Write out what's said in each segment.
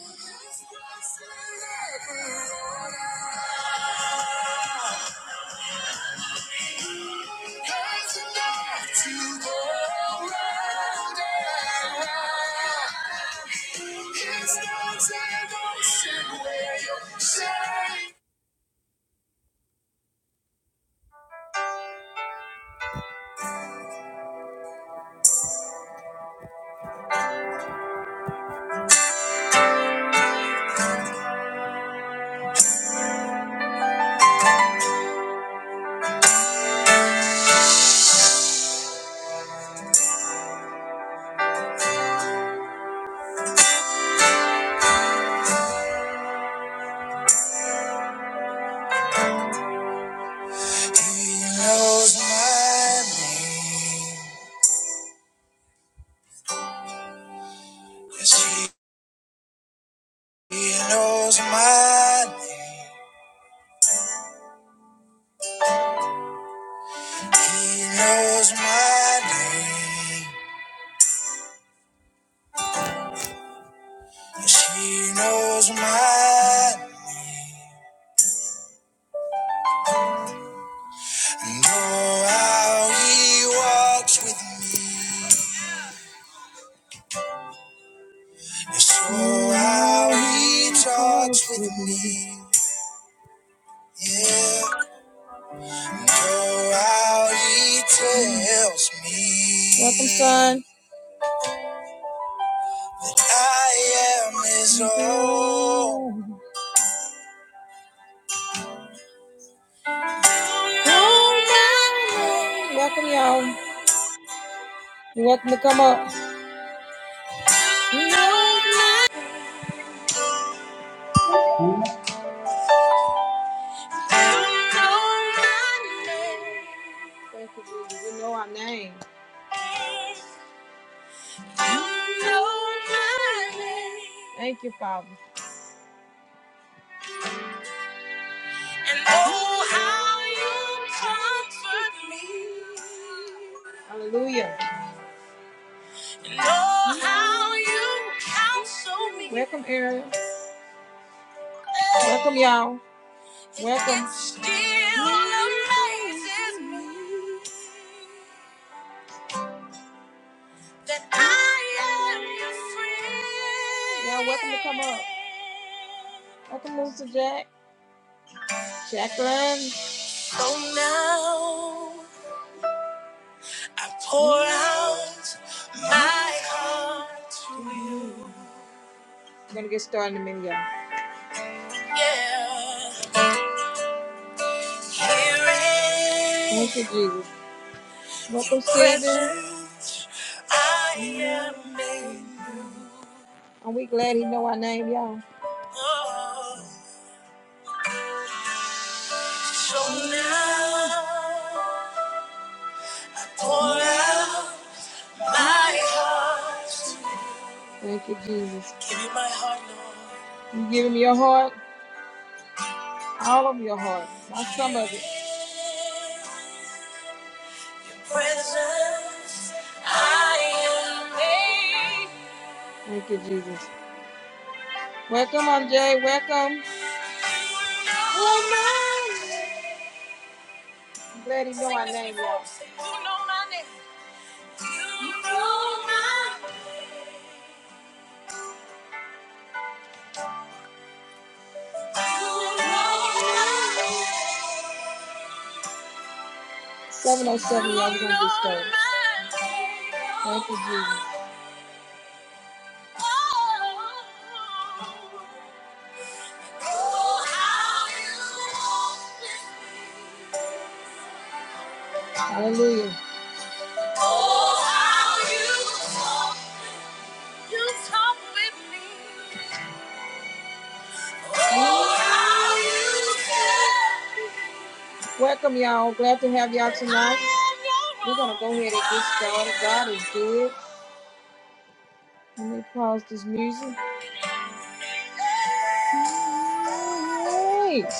He knows my name. He knows my name. Yes, he knows my. Know how he walks with me. And so I'll recharge with me. Yeah. And go out, he tells me. Welcome, son. That I am his own. Oh, Welcome, y'all. You're welcome to come up. No, Hallelujah. Thank you, Jesus. You know our name. Thank you, Father. And oh, how you comfort me. Hallelujah. And oh, how you counsel me. Welcome, Ariel. Welcome, y'all. Welcome. It still amazes me that I am your friend. Y'all, welcome to come up. Welcome, Mr. Jack. Jacqueline. So now I pour out my heart. We're gonna get started in a minute, y'all. Yeah. Here Thank you, Jesus. Welcome, Stephen. I am made new. And we glad he know our name, y'all. Oh, so now, pour out my heart. Thank you, Jesus. Give me my heart, Lord. You give him your heart, all of your heart, not some of it. presence, I am made. Thank you, Jesus. Welcome, MJ. Welcome. Woman. I'm glad he know our name, y'all. You know my name. You know my- you know my 707, y'all, we're gonna get started. Thank you, Jesus. Hallelujah. Oh, how you You talk with me. Oh, how you care. Welcome, y'all. Glad to have y'all tonight. We're going to go ahead and get started. God is good. Let me pause this music. All right.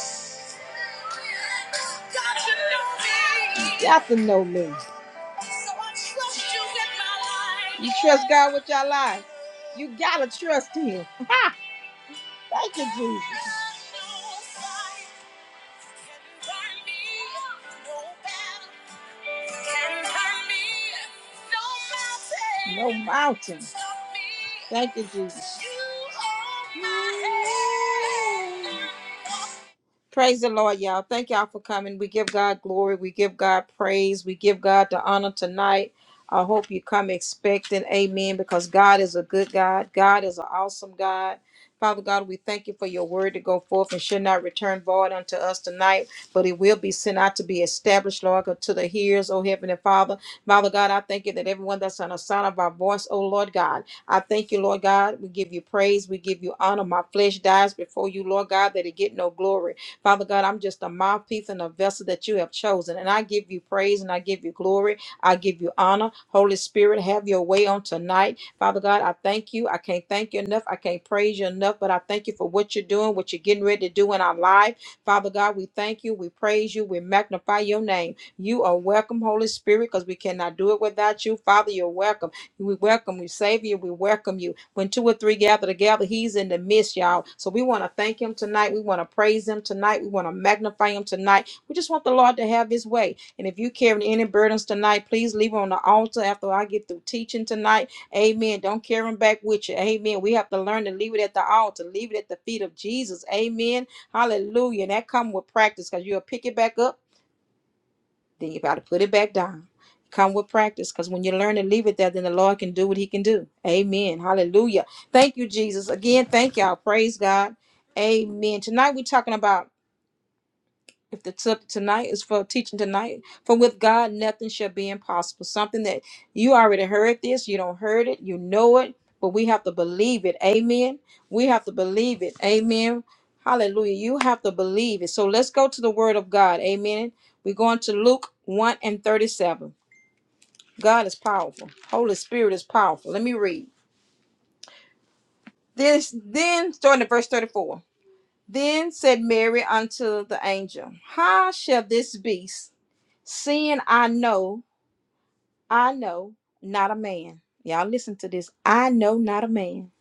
You got to know me. You trust God with your life. You gotta trust Him. Thank you, Jesus. No mountain. Thank you, Jesus. You are my head. Praise the Lord, y'all. Thank y'all for coming. We give God glory. We give God praise. We give God the honor tonight. I hope you come expecting, amen, because God is a good God. God is an awesome God. Father God, we thank you for your word to go forth and should not return void unto us tonight, but it will be sent out to be established, Lord, to the hearers, O Heavenly Father. Father God, I thank you that everyone that's on the sound of our voice, O Lord God, I thank you, Lord God. We give you praise. We give you honor. My flesh dies before you, Lord God, that it get no glory. Father God, I'm just a mouthpiece and a vessel that you have chosen. And I give you praise and I give you glory. I give you honor. Holy Spirit, have your way on tonight. Father God, I thank you. I can't thank you enough. I can't praise you enough, but I thank you for what you're doing, what you're getting ready to do in our life. Father God, we thank you. We praise you. We magnify your name. You are welcome, Holy Spirit, because we cannot do it without you. Father, you're welcome. We welcome you, Savior. We welcome you. When two or three gather together, he's in the midst, y'all. So we want to thank him tonight. We want to praise him tonight. We want to magnify him tonight. We just want the Lord to have his way. And if you carry any burdens tonight, please leave them on the altar after I get through teaching tonight. Amen. Don't carry them back with you. Amen. We have to learn to leave it at the altar, leave it at the feet of Jesus. Amen. Hallelujah. And that come with practice because you'll pick it back up then you got to put it back down. Come with practice, because when you learn to leave it there, then the Lord can do what He can do. Amen. Hallelujah. Thank you, Jesus. Again, thank y'all. Praise God. Amen. Tonight we're talking about if the tip tonight is for teaching tonight, for with God nothing shall be impossible. Something that you already heard this, you don't heard it, you know it, but we have to believe it. Amen. We have to believe it. Amen. Hallelujah. You have to believe it. So let's go to the word of God. Amen. We're going to Luke 1 and 37. God is powerful. Holy Spirit is powerful. Let me read. This then starting at verse 34. Then said Mary unto the angel, How shall this be? Seeing I know, I know, not a man. Y'all listen to this. I know not a man.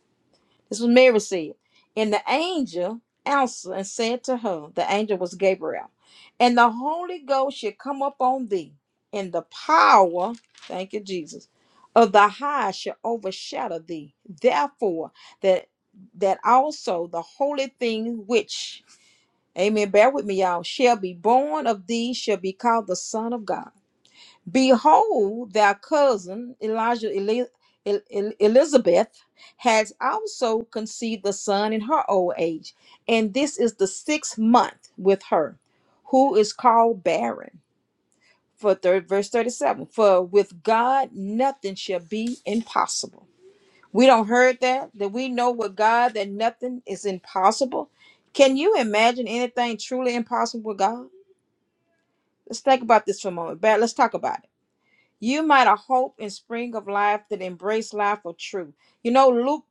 This was Mary said. And the angel answered and said to her, the angel was Gabriel, and the Holy Ghost shall come upon thee, and the power, thank you, Jesus, of the high shall overshadow thee. Therefore, that that also the holy thing which, amen, bear with me, y'all, shall be born of thee shall be called the Son of God. Behold, their cousin Elijah Eli- El- El- Elizabeth has also conceived a son in her old age, and this is the sixth month with her, who is called barren. For third verse 37, for with God nothing shall be impossible. We don't heard that, that we know with God that nothing is impossible. Can you imagine anything truly impossible with God? Let's think about this for a moment. Brad, Let's talk about it. You might have hope and spring of life that embrace life of truth. You know, Luke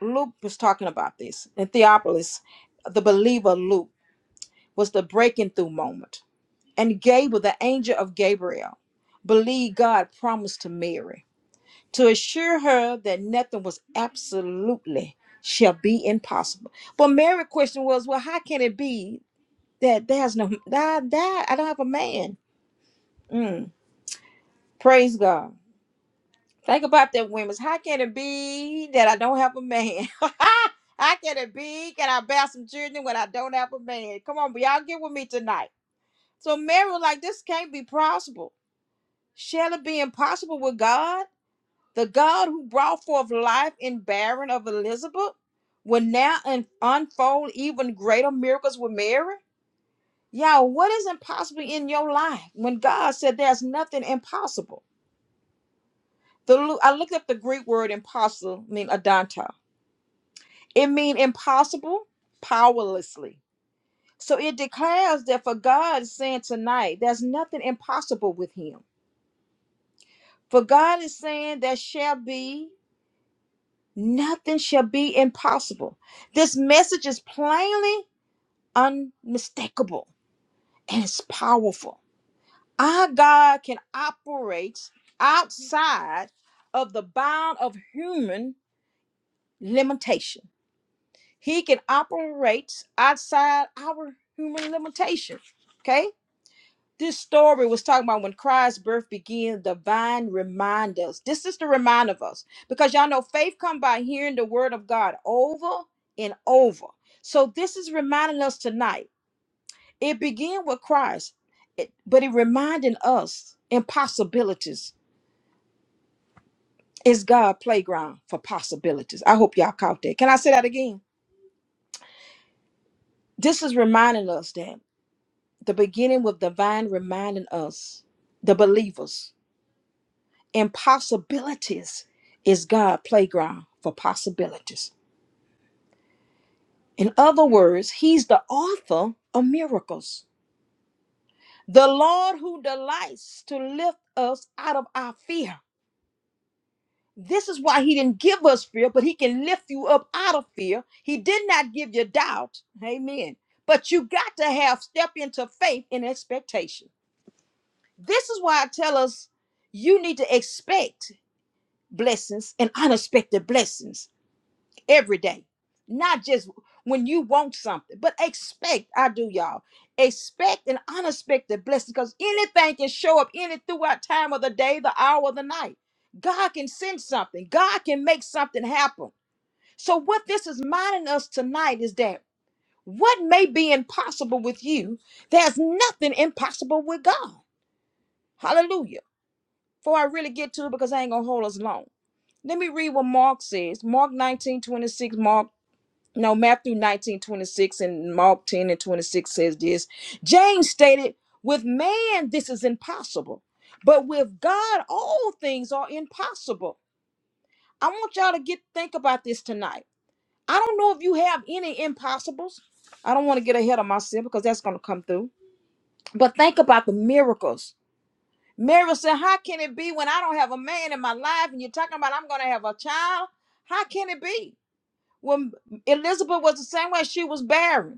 Luke was talking about this. And Theophilus, the believer Luke, was the breaking through moment. And Gabriel, the angel of Gabriel, believed God promised to Mary to assure her that nothing was absolutely shall be impossible. But Mary's question was, well, how can it be that there's no that that I don't have a man? Mm, praise God. Think about that, women. How can it be that I don't have a man? How can it be? Can I bear some children when I don't have a man? Come on, y'all get with me tonight. So Mary was like, this can't be possible. Shall it be impossible with God? The God who brought forth life in barren of Elizabeth will now un- unfold even greater miracles with Mary? Y'all, what is impossible in your life when God said there's nothing impossible? The, Lu- I looked up the Greek word impossible, mean adantos It means impossible, powerlessly. So it declares that for God is saying tonight, there's nothing impossible with him. For God is saying there shall be nothing shall be impossible. This message is plainly unmistakable and it's powerful. Our God can operate outside of the bound of human limitation. He can operate outside our human limitation. Okay? This story was talking about when Christ's birth began, divine reminders. This is to remind of us because y'all know faith come by hearing the word of God over and over. So this is reminding us tonight. It began with Christ, it- but it reminding us impossibilities is God playground for possibilities. I hope y'all caught that. Can I say that again? This is reminding us that the beginning with divine reminding us, the believers, Impossibilities is God' playground for possibilities. In other words, He's the author of miracles. The Lord who delights to lift us out of our fear. This is why He didn't give us fear, but He can lift you up out of fear. He did not give you doubt. Amen. But you got to have step into faith and expectation. This is why I tell us you need to expect blessings and unexpected blessings every day, not just when you want something, but expect. I do, y'all. Expect an unexpected blessing because anything can show up any throughout time of the day, the hour, or the night. God can send something, God can make something happen. So, what this is reminding us tonight is that what may be impossible with you, there's nothing impossible with God. Hallelujah. Before I really get to it, because I ain't going to hold us long. Let me read what Mark says. Mark 19 26. Mark no, Matthew 19 26 and Mark 10 and 26 says this. James stated, with man, this is impossible, but with God, all things are impossible. I want y'all to get think about this tonight. I don't know if you have any impossibles. I don't want to get ahead of myself because that's going to come through. But think about the miracles. Mary said, How can it be when I don't have a man in my life and you're talking about I'm going to have a child? How can it be? When Elizabeth was the same way, she was barren.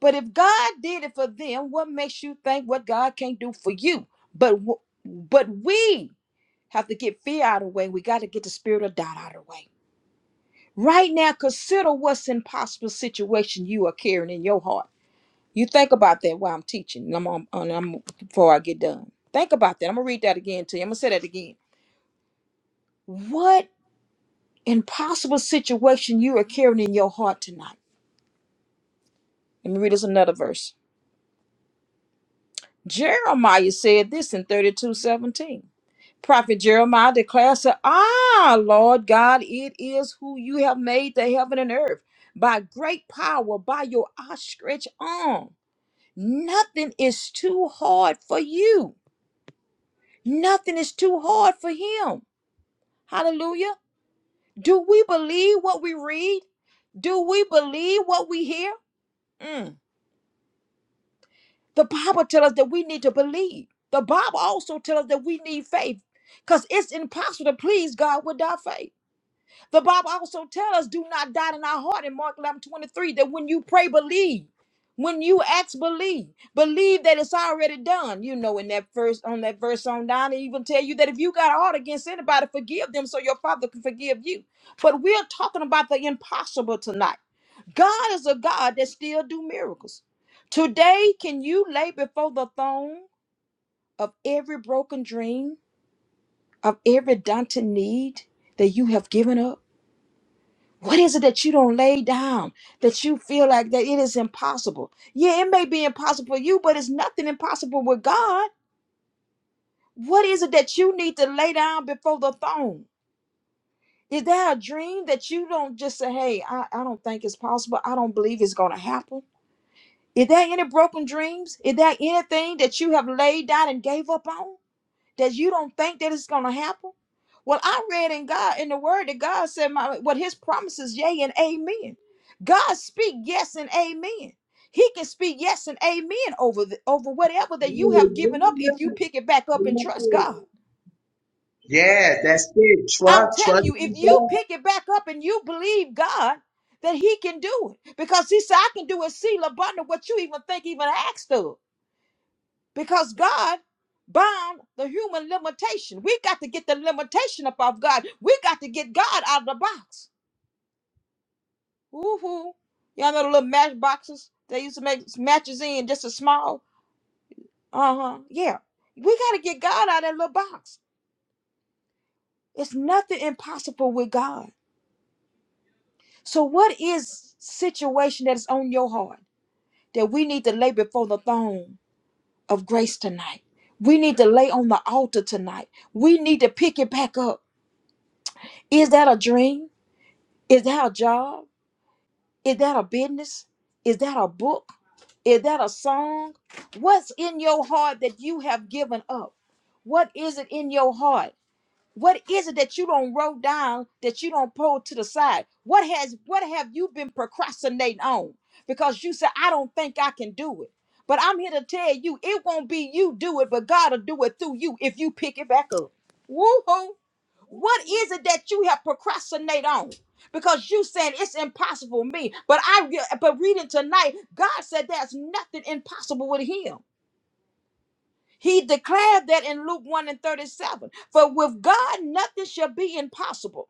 But if God did it for them, what makes you think what God can't do for you? But w- but we have to get fear out of the way. We got to get the spirit of doubt out of the way. Right now, consider what's impossible situation you are carrying in your heart. You think about that while I'm teaching. and I'm on, and I'm before I get done. Think about that. I'm gonna read that again to you. I'm gonna say that again. What impossible situation you are carrying in your heart tonight? Let me read us another verse. Jeremiah said this in 32 17. Prophet Jeremiah declares, that, Ah, Lord God, it is who you have made the heaven and earth by great power, by your outstretched arm. Nothing is too hard for you. Nothing is too hard for him. Hallelujah. Do we believe what we read? Do we believe what we hear? Mm. The Bible tells us that we need to believe. The Bible also tells us that we need faith because it's impossible to please God without faith. The Bible also tells us, do not doubt in our heart in Mark 11 23, that when you pray, believe. When you ask, believe. Believe that it's already done. You know, in that verse, on that verse on down, it even tell you that if you got a heart against anybody, forgive them so your father can forgive you. But we're talking about the impossible tonight. God is a God that still do miracles. Today, can you lay before the throne of every broken dream, of every daunting need that you have given up? What is it that you don't lay down that you feel like that it is impossible? Yeah, it may be impossible for you, but it's nothing impossible with God. What is it that you need to lay down before the throne? Is there a dream that you don't just say, hey, I, I don't think it's possible. I don't believe it's going to happen. Is there any broken dreams? Is there anything that you have laid down and gave up on that you don't think that it's going to happen? Well, I read in God in the Word that God said, "My what His promises, yea and amen." God speak yes and amen. He can speak yes and amen over the, over whatever that you have given up if you pick it back up and trust God. Yeah, that's it. I'm Trust, telling trust you, in if you God. pick it back up and you believe God that He can do it, because He said, "I can do a seal abundant what you even think even asked of." because God bound the human limitation. We got to get the limitation up off God. We got to get God out of the box. Woohoo. Y'all know the little match boxes they used to make matches in just a small? Uh huh. Yeah. We got to get God out of that little box. It's nothing impossible with God. So, what is situation that is on your heart that we need to lay before the throne of grace tonight? We need to lay on the altar tonight. We need to pick it back up. Is that a dream? Is that a job? Is that a business? Is that a book? Is that a song? What's in your heart that you have given up? What is it in your heart? What is it that you don't wrote down that you don't pull to the side? What has what have you been procrastinating on? Because you said, I don't think I can do it. But I'm here to tell you, it won't be you do it, but God will do it through you if you pick it back up. Woo-hoo. What is it that you have procrastinate on? Because you saying it's impossible for me. But I re- but reading tonight, God said there's nothing impossible with him. He declared that in Luke 1 and 37. For with God nothing shall be impossible.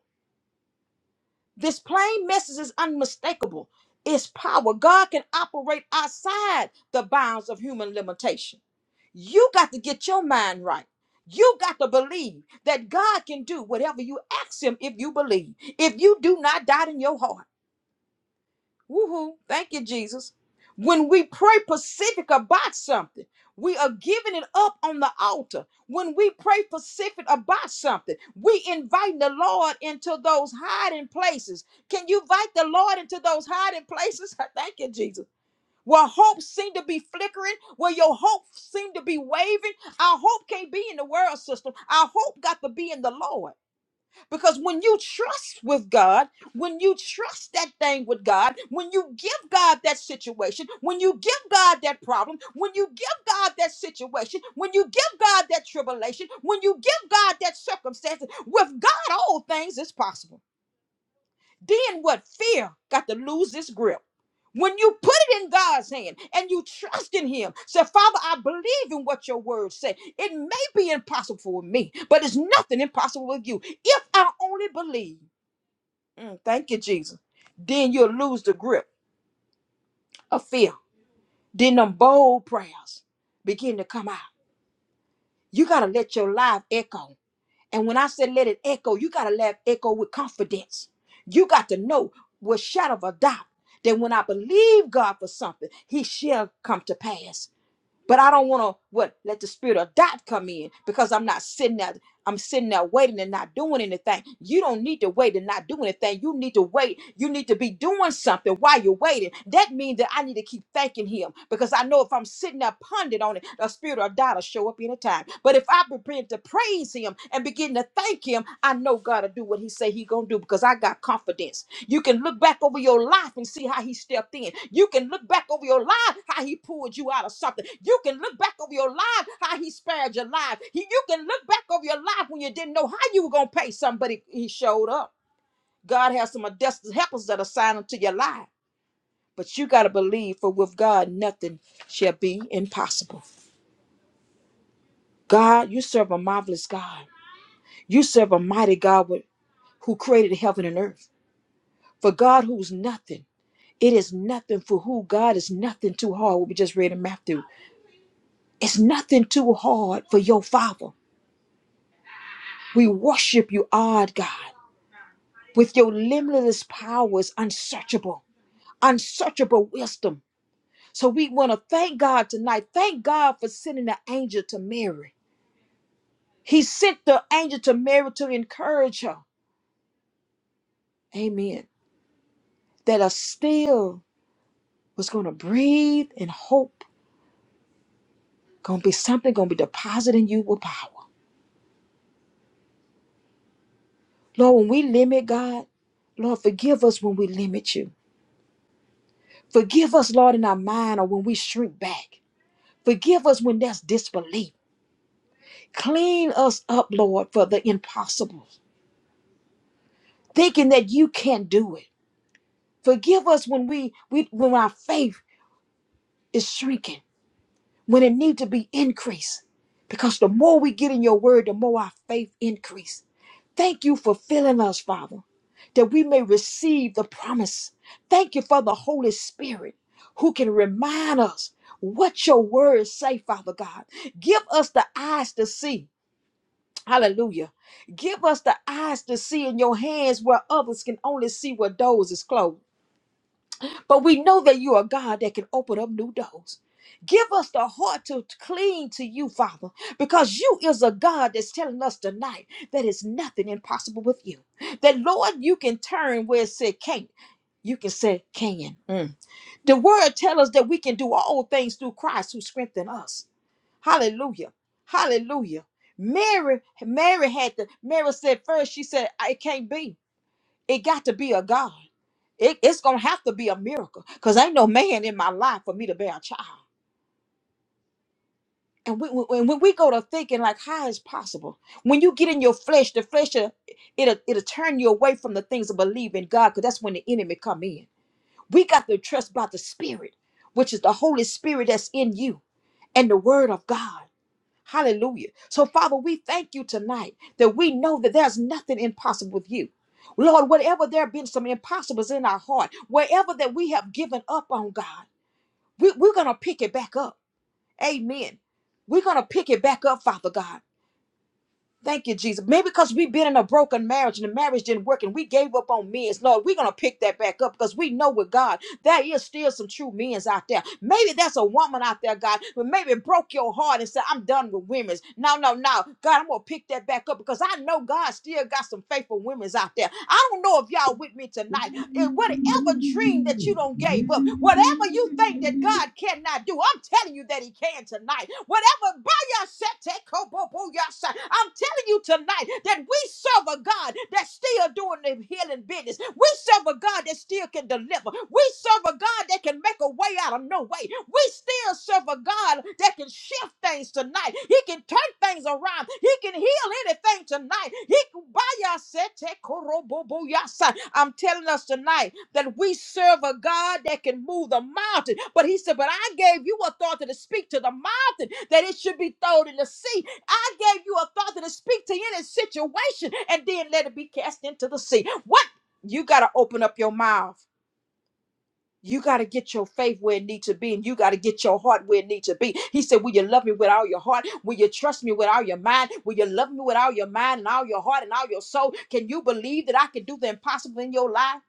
This plain message is unmistakable. It's power. God can operate outside the bounds of human limitation. You got to get your mind right. You got to believe that God can do whatever you ask Him if you believe. If you do not doubt in your heart. Woohoo. Thank you, Jesus. When we pray specific about something, we are giving it up on the altar. When we pray specific about something, we invite the Lord into those hiding places. Can you invite the Lord into those hiding places? Thank you, Jesus where hope seemed to be flickering, where your hope seemed to be wavering. Our hope can't be in the world system. Our hope got to be in the Lord. Because when you trust with God, when you trust that thing with God, when you give God that situation, when you give God that problem, when you give God that situation, when you give God that tribulation, when you give God that circumstance, with God, all things is possible then what fear got to lose its grip. When you put it in God's hand and you trust in Him, say, Father, I believe in what your word said. It may be impossible for me, but it's nothing impossible with you. If I only believe, Mm, thank you, Jesus, then you'll lose the grip of fear. Then them bold prayers begin to come out. You got to let your life echo. And when I said let it echo, you got to let it echo with confidence. You got to know with shadow of a doubt that when I believe God for something, he shall come to pass. But I don't want to what let the spirit of doubt come in because I'm not sitting there. I'm sitting there waiting and not doing anything. You don't need to wait and not do anything. You need to wait. You need to be doing something while you're waiting. That means that I need to keep thanking him because I know if I'm sitting there pondering on it, the spirit of doubt will show up anytime. But if I prepare to pray, praise him and begin to thank him i know god will do what he say he gonna do because i got confidence you can look back over your life and see how he stepped in you can look back over your life how he pulled you out of something you can look back over your life how he spared your life He- you can look back over your life when you didn't know how you were gonna pay somebody he showed up god has some destiny helpers that are signing to your life but you got to believe for with god nothing shall be impossible god you serve a marvelous god you serve a mighty god who created heaven and earth. For God, who's nothing, it is nothing for who God is nothing too hard. What we just read in Matthew, it's nothing too hard for your Father. We worship you, odd God, with your limitless powers, unsearchable, unsearchable wisdom. So we want to thank God tonight. Thank God for sending the angel to Mary. He sent the angel to Mary to encourage her. Amen. That a still was going to breathe in hope Gonna be something gonna be depositing you with power. Lord, when we limit God, Lord, forgive us when we limit you. Forgive us, Lord, in our mind or when we shrink back. Forgive us when there's disbelief. Clean us up, Lord, for the impossible, thinking that you can't do it. Forgive us when we, we when our faith is shrinking. when it need to be increased. Because the more we get in your word, the more our faith increase. Thank you for filling us, Father, that we may receive the promise. Thank you for the Holy Spirit who can remind us what your words say, Father God. Give us the eyes to see. Hallelujah. Give us the eyes to see in your hands where others can only see where those is closed. But we know that you are God that can open up new doors. Give us the heart to cling to you, Father, because you is a God that's telling us tonight that it's nothing impossible with you. That Lord, you can turn where it said can't. You can say can. Mm. The word tells us that we can do all things through Christ who strengthen us. Hallelujah. Hallelujah. Mary, Mary had to, Mary said first, she said, I it can't be. It got to be a God. It- it's gonna have to be a miracle, cause ain't no man in my life for me to bear a child. And when, when, when we go to thinking like how is possible, when you get in your flesh, the flesh will- it'll it'll turn you away from the things of believing God, cause that's when the enemy come in. We got to trust by the Spirit, which is the Holy Spirit that's in you, and the Word of God. Hallelujah. So, Father, we thank you tonight that we know that there's nothing impossible with you. Lord, whatever there have been some impossibles in our heart, wherever that we have given up on God, we, we're going to pick it back up. Amen. We're going to pick it back up, Father God. Thank you, Jesus. Maybe because we've been in a broken marriage and the marriage didn't work and we gave up on men. Lord, we're going to pick that back up because we know with God, there is still some true men out there. Maybe that's a woman out there, God, but maybe it broke your heart and said, I'm done with women." No, no, no. God, I'm going to pick that back up because I know God still got some faithful women's out there. I don't know if y'all with me tonight. And whatever dream that you don't Yeah. gave up, whatever you think that God cannot do, I'm telling you that he can tonight. Whatever I'm telling you tonight that we serve a God that's still doing the healing business. We serve a God that still can deliver. We serve a God that can make a way out of no way. We still serve a God that can shift things tonight. He can turn things around. He can heal anything tonight. He I'm telling us tonight that we serve a God that can move the mountain. But he said, But I gave you authority to speak to the mountain that it should be thrown in the sea. I gave you authority to speak to any situation and then let it be cast into the sea. What? You got to open up your mouth. You got to get your faith where it needs to be, and you got to get your heart where it needs to be. He said, Will you love me with all your heart? Will you trust me with all your mind? Will you love me with all your mind and all your heart and all your soul? Can you believe that I can do the impossible in your life?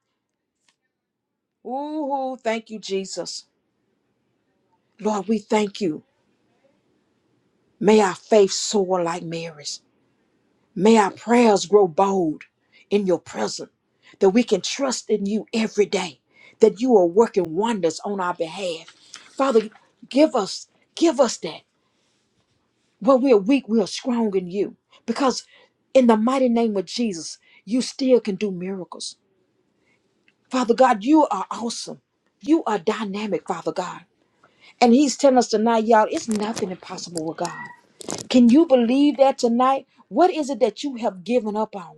Ooh, thank you, Jesus. Lord, we thank you. May our faith soar like Mary's. May our prayers grow bold in your presence, that we can trust in you every day, that you are working wonders on our behalf. Father, give us, give us that. Where we are weak, we are strong in you. Because in the mighty name of Jesus, you still can do miracles. Father God, you are awesome. You are dynamic, Father God. And he's telling us tonight, y'all, it's nothing impossible with God. Can you believe that tonight? What is it that you have given up on?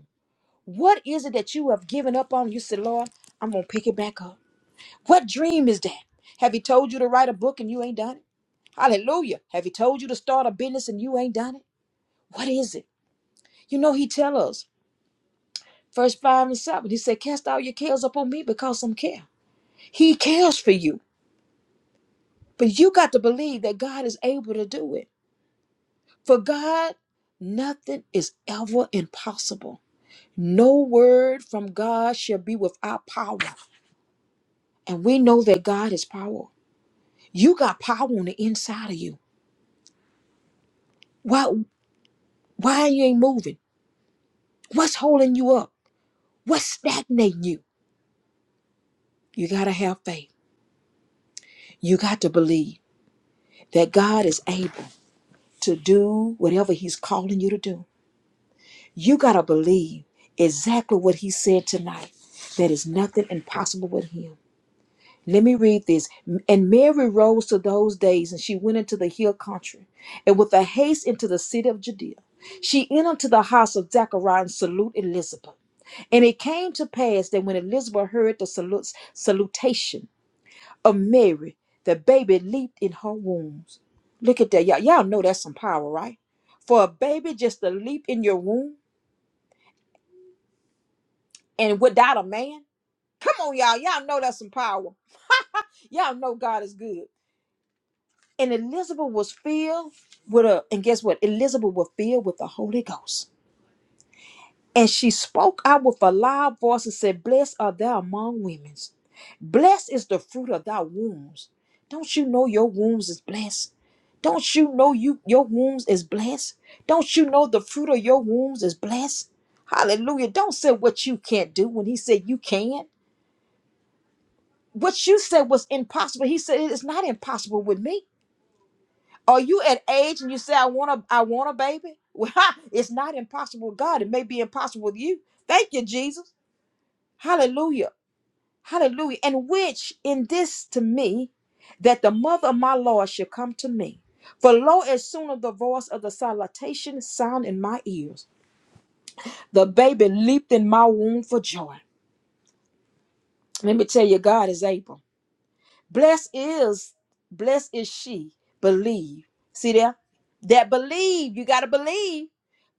What is it that you have given up on? You said, Lord, I'm going to pick it back up. What dream is that? Have He told you to write a book and you ain't done it? Hallelujah. Have He told you to start a business and you ain't done it? What is it? You know, He tell us, verse 5 and 7, He said, Cast all your cares upon me because I'm care. He cares for you. But you got to believe that God is able to do it. For God, nothing is ever impossible. No word from God shall be without power. And we know that God is power. You got power on the inside of you. Why why you ain't moving? What's holding you up? What's stagnating you? You gotta have faith. You got to believe that God is able to do whatever He's calling you to do. You gotta believe exactly what He said tonight. That is nothing impossible with Him. Let me read this. And Mary rose to those days, and she went into the hill country, and with a haste into the city of Judea. She entered to the house of Zechariah and saluted Elizabeth. And it came to pass that when Elizabeth heard the salut- salutation of Mary, the baby leaped in her wombs. Look at that. Y'all, y'all know that's some power, right? For a baby just to leap in your womb and without a man. Come on, y'all. Y'all know that's some power. Y'all know God is good. And Elizabeth was filled with a, and guess what? Elizabeth was filled with the Holy Ghost. And she spoke out with a loud voice and said, Blessed are thou among women. Blessed is the fruit of thy wombs. Don't you know your wombs is blessed? Don't you know you your wombs is blessed? Don't you know the fruit of your wombs is blessed? Hallelujah. Don't say what you can't do when he said you can. What you said was impossible. He said it's not impossible with me. Are you at age and you say I want a I want a baby? Well, it's not impossible with God. It may be impossible with you. Thank you, Jesus. Hallelujah. Hallelujah. And which in this to me, that the mother of my Lord should come to me. For lo, as soon as the voice of the salutation sound in my ears, the baby leaped in my womb for joy. Let me tell you, God is able. Blessed is, blessed is she, believe. See there? That believe, you gotta believe.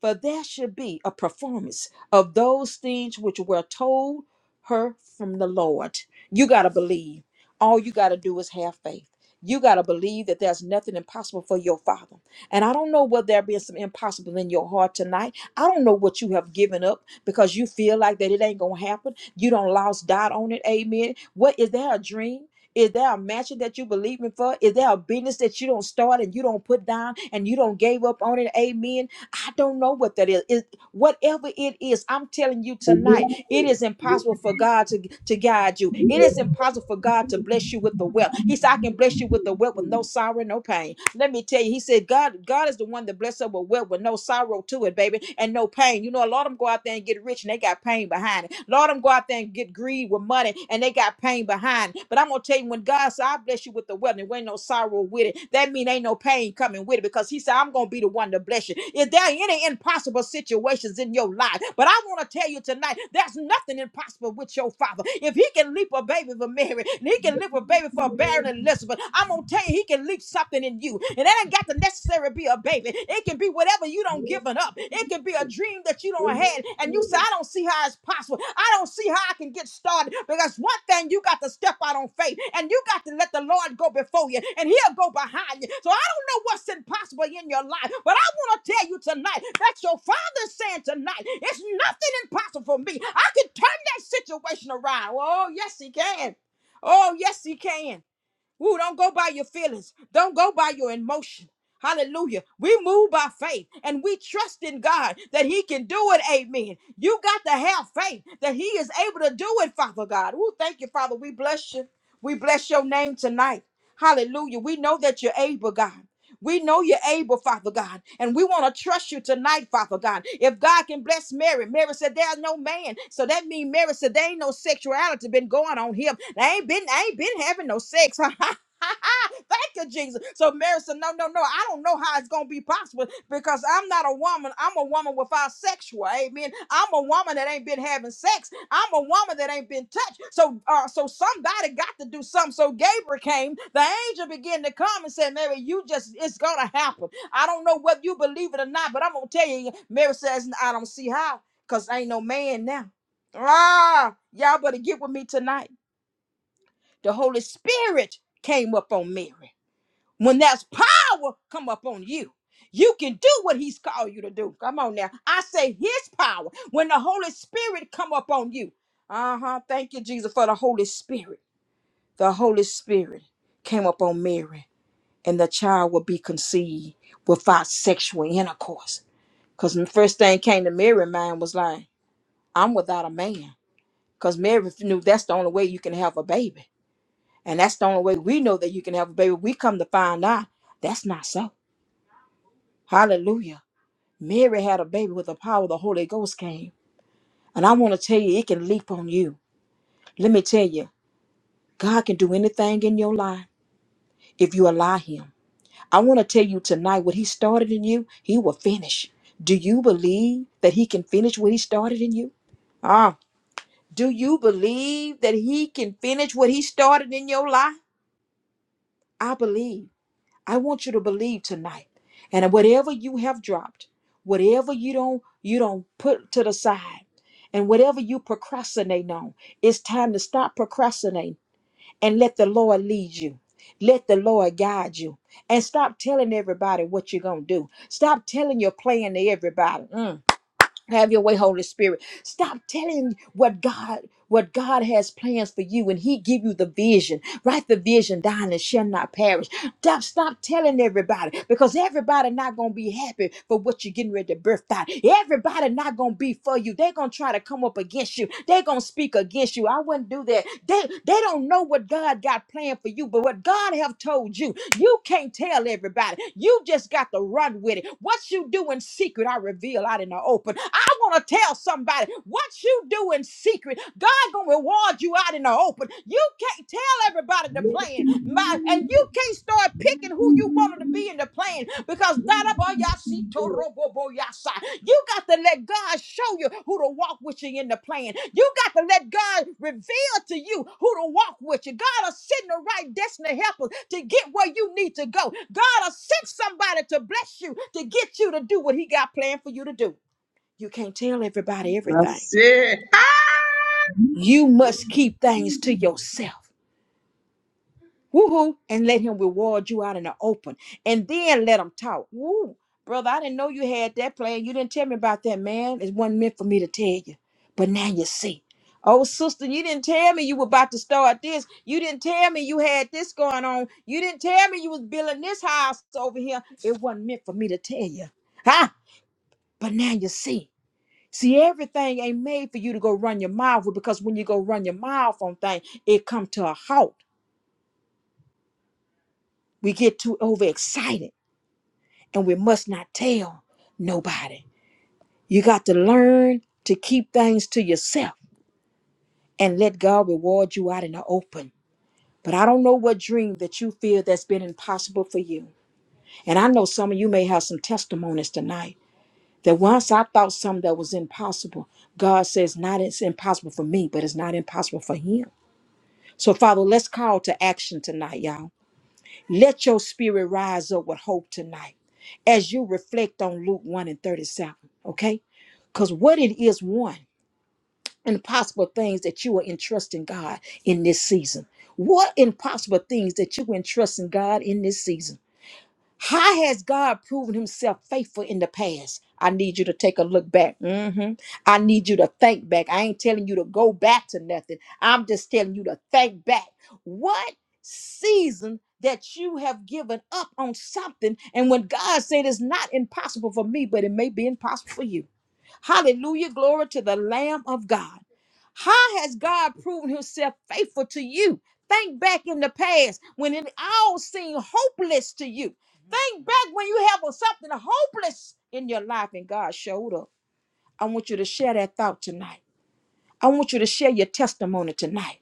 For there should be a performance of those things which were told her from the Lord. You gotta believe. All you gotta do is have faith. You gotta believe that there's nothing impossible for your father. And I don't know whether there be some impossible in your heart tonight. I don't know what you have given up because you feel like that it ain't gonna happen. You don't lost dot on it. Amen. What is there a dream? Is there a mansion that you believe believing for? Is there a business that you don't start and you don't put down and you don't gave up on it? Amen. I don't know what that is. Is whatever it is i'm telling you tonight it is impossible for god to, to guide you it is impossible for god to bless you with the wealth he said i can bless you with the wealth with no sorrow no pain let me tell you he said god god is the one that blesses us with wealth with no sorrow to it baby and no pain you know a lot of them go out there and get rich and they got pain behind it a lot of them go out there and get greed with money and they got pain behind it. but i'm gonna tell you when god said i bless you with the wealth and there ain't no sorrow with it that mean ain't no pain coming with it because he said i'm gonna be the one to to bless you. Is there any impossible situations in your life? But I want to tell you tonight, there's nothing impossible with your father. If he can leap a baby for Mary, and he can leap a baby for barren Elizabeth, I'm going to tell you, he can leap something in you. And that ain't got to necessarily be a baby. It can be whatever you don't giving up. It can be a dream that you don't had. And you say, I don't see how it's possible. I don't see how I can get started. Because one thing you got to step out on faith and you got to let the Lord go before you and he'll go behind you. So I know what's impossible in your life, but I want to tell you tonight that your father's saying tonight, it's nothing impossible for me. I can turn that situation around. Oh, yes, he can. Oh, yes, he can. Ooh, don't go by your feelings. Don't go by your emotion. Hallelujah. We move by faith and we trust in God that He can do it. Amen. You got to have faith that He is able to do it, Father God. Ooh, thank you, Father. We bless you. We bless your name tonight. Hallelujah. We know that you're able, God. We know you're able, Father God, and we want to trust you tonight, Father God. If God can bless Mary, Mary said, There's no man. So that means Mary said, There ain't no sexuality been going on here. They ain't been, I ain't been having no sex. Thank you, Jesus. So Mary said, No, no, no. I don't know how it's going to be possible because I'm not a woman. I'm a woman without sexual. Amen. I'm a woman that ain't been having sex. I'm a woman that ain't been touched. So, uh, so somebody got to do something. So Gabriel came. The angel began to come and said, Mary, you just, it's going to happen. I don't know whether you believe it or not, but I'm going to tell you. Mary says, I don't see how because ain't no man now. Ah, y'all better get with me tonight. The Holy Spirit came up on Mary. When that's power come up on you, you can do what he's called you to do. Come on now. I say his power. When the Holy Spirit come up on you. Uh-huh. Thank you, Jesus, for the Holy Spirit. The Holy Spirit came up on Mary, and the child will be conceived without sexual intercourse. Because the first thing came to Mary's mind was like, I'm without a man. Because Mary knew that's the only way you can have a baby. And that's the only way we know that you can have a baby. We come to find out that's not so. Hallelujah. Mary had a baby with the power of the Holy Ghost came. And I want to tell you, it can leap on you. Let me tell you, God can do anything in your life if you allow Him. I want to tell you tonight, what He started in you, He will finish. Do you believe that He can finish what He started in you? Ah, do you believe that He can finish what He started in your life? I believe. I want you to believe tonight. And whatever you have dropped, whatever you don't you don't put to the side, and whatever you procrastinate on, it's time to stop procrastinating and let the Lord lead you. Let the Lord guide you. And stop telling everybody what you're gonna do. Stop telling your plan to everybody. Mm. Have your way, Holy Spirit. Stop telling what God what God has plans for you and He give you the vision. Write the vision down and shall not perish. Stop, stop telling everybody because everybody not gonna be happy for what you're getting ready to birth out. Everybody not gonna be for you. They're gonna try to come up against you. They're gonna speak against you. I wouldn't do that. They they don't know what God got planned for you, but what God have told you, you can't tell everybody. You just got to run with it. What you do in secret, I reveal out in the open open. I want to tell somebody what you do in secret, God gonna reward you out in the open. You can't tell everybody the plan, my, and you can't start picking who you wanted to be in the plan because you got to let God show you who to walk with you in the plan. You got to let God reveal to you who to walk with you. God will send the right destiny helpers to get where you need to go. God will send somebody to bless you to get you to do what He got planned for you to do. You can't tell everybody everything. That's it. Ah! You must keep things to yourself. Woohoo! And let him reward you out in the open. And then let him talk. Woo! Brother, I didn't know you had that plan. You didn't tell me about that, man. It wasn't meant for me to tell you. But now you see. Oh, sister, you didn't tell me you were about to start this. You didn't tell me you had this going on. You didn't tell me you was building this house over here. It wasn't meant for me to tell you. Huh? But now you see. See, everything ain't made for you to go run your mouth with because when you go run your mouth on things, it come to a halt. We get too overexcited and we must not tell nobody. You got to learn to keep things to yourself and let God reward you out in the open. But I don't know what dream that you feel that's been impossible for you. And I know some of you may have some testimonies tonight that once I thought something that was impossible, God says, not it's impossible for me, but it's not impossible for him. So, Father, let's call to action tonight, y'all. Let your spirit rise up with hope tonight as you reflect on Luke 1 and 37, okay? Because what it is, one, impossible things that you are entrusting God in this season. What impossible things that you are entrusting God in this season? How has God proven himself faithful in the past? I need you to take a look back. Mhm. I need you to think back. I ain't telling you to go back to nothing. I'm just telling you to think back. What season that you have given up on something, and when God said it's not impossible for me, but it may be impossible for you. Hallelujah. Glory to the Lamb of God. How has God proven himself faithful to you? Think back in the past when it all seemed hopeless to you. Think back when you have something hopeless in your life and God showed up. I want you to share that thought tonight. I want you to share your testimony tonight.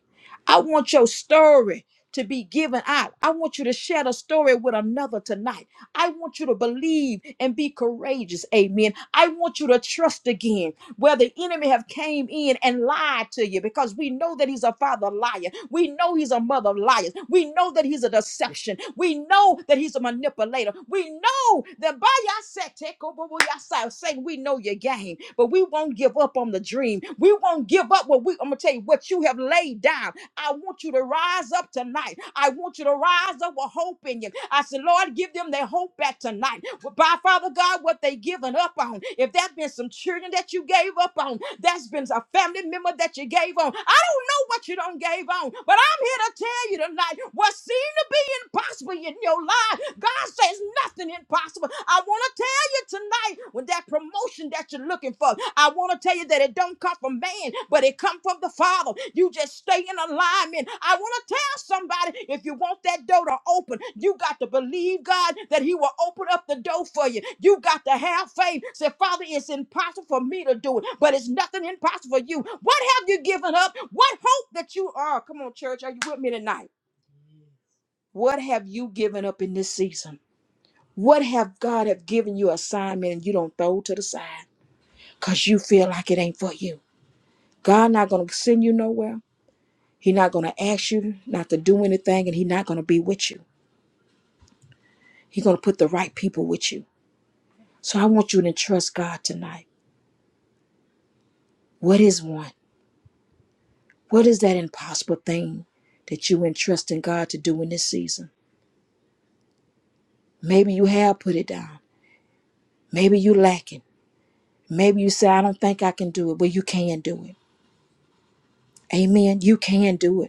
I want your story to be given out. I want you to share the story with another tonight. I want you to believe and be courageous. Amen. I want you to trust again where the enemy have came in and lied to you because we know that he's a father liar. We know he's a mother of liars. We know that he's a deception. We know that he's a manipulator. We know know that by your set, take over with your side. Satan, we know your game, but we won't give up on the dream. We won't give up what we, I'm going to tell you, what you have laid down. I want you to rise up tonight. I want you to rise up with hope in you. I said, Lord, give them their hope back tonight. Well, By Father God, what they given up on. If that been some children that you gave up on, that's been a family member that you gave on. I don't know what you don't gave on, but I'm here to tell you tonight what seemed to be impossible in your life. God says nothing impossible. I want to tell tonight with that promotion that you're looking for. I want to tell you that it don't come from man, but it come from the Father. You just stay in alignment. I want to tell somebody if you want that door to open, you got to believe God that He will open up the door for you. You got to have faith. Say, Father, it's impossible for me to do it, but it's nothing impossible for you. What have you given up? What hope that you are? Come on, church, are you with me tonight? What have you given up in this season? What have God have given you assignment and you don't throw to the side because you feel like it ain't for you? God not gonna send you nowhere. He not gonna ask you not to do anything, and He not gonna be with you. He gonna put the right people with you. So I want you to trust God tonight. What is one? What is that impossible thing that you entrust in God to do in this season? Maybe you have put it down. Maybe you lacking. Maybe you say, I don't think I can do it. Well, you can do it. Amen. You can do it.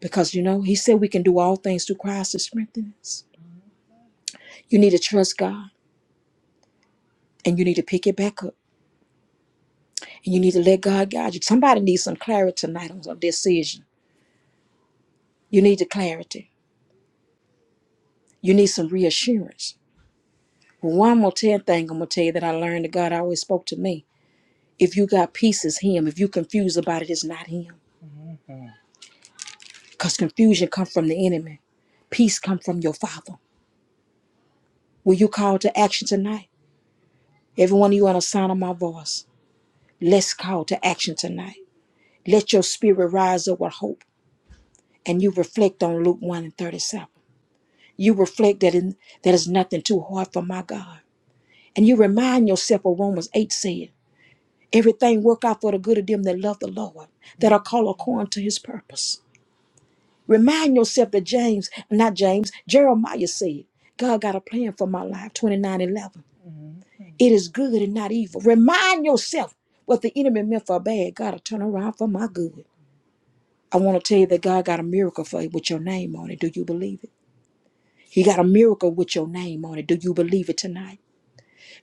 Because you know, he said we can do all things through Christ to strengthen us. You need to trust God and you need to pick it back up. And you need to let God guide you. Somebody needs some clarity tonight on a decision. You need the clarity. You need some reassurance. Well, One more ten thing I'm gonna tell you that I learned that God always spoke to me. If you got peace, it's him. If you confused about it, it's not him. Because confusion comes from the enemy. Peace come from your father. Will you call to action tonight? Every one of you on the sound of my voice. Let's call to action tonight. Let your spirit rise up with hope, and you reflect on Luke 1 and 37. You reflect that in, that is nothing too hard for my God. And you remind yourself of Romans 8 said, everything work out for the good of them that love the Lord, that are called according to his purpose. Remind yourself that James, not James, Jeremiah said, God got a plan for my life, 29, 11. It is good and not evil. Remind yourself what the enemy meant for bad, God will turn around for my good. I want to tell you that God got a miracle for you with your name on it. Do you believe it? He got a miracle with your name on it. Do you believe it tonight?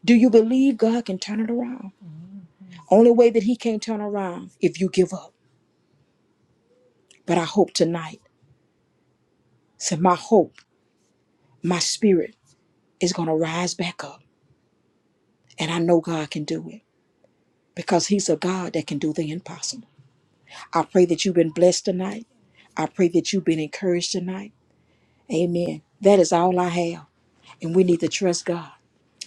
Do you believe God can turn it around? Only way that He can't turn around if you give up. But I hope tonight, so my hope, my spirit is going to rise back up. And I know God can do it because He's a God that can do the impossible. I pray that you've been blessed tonight. I pray that you've been encouraged tonight. Amen. That is all I have. And we need to trust God.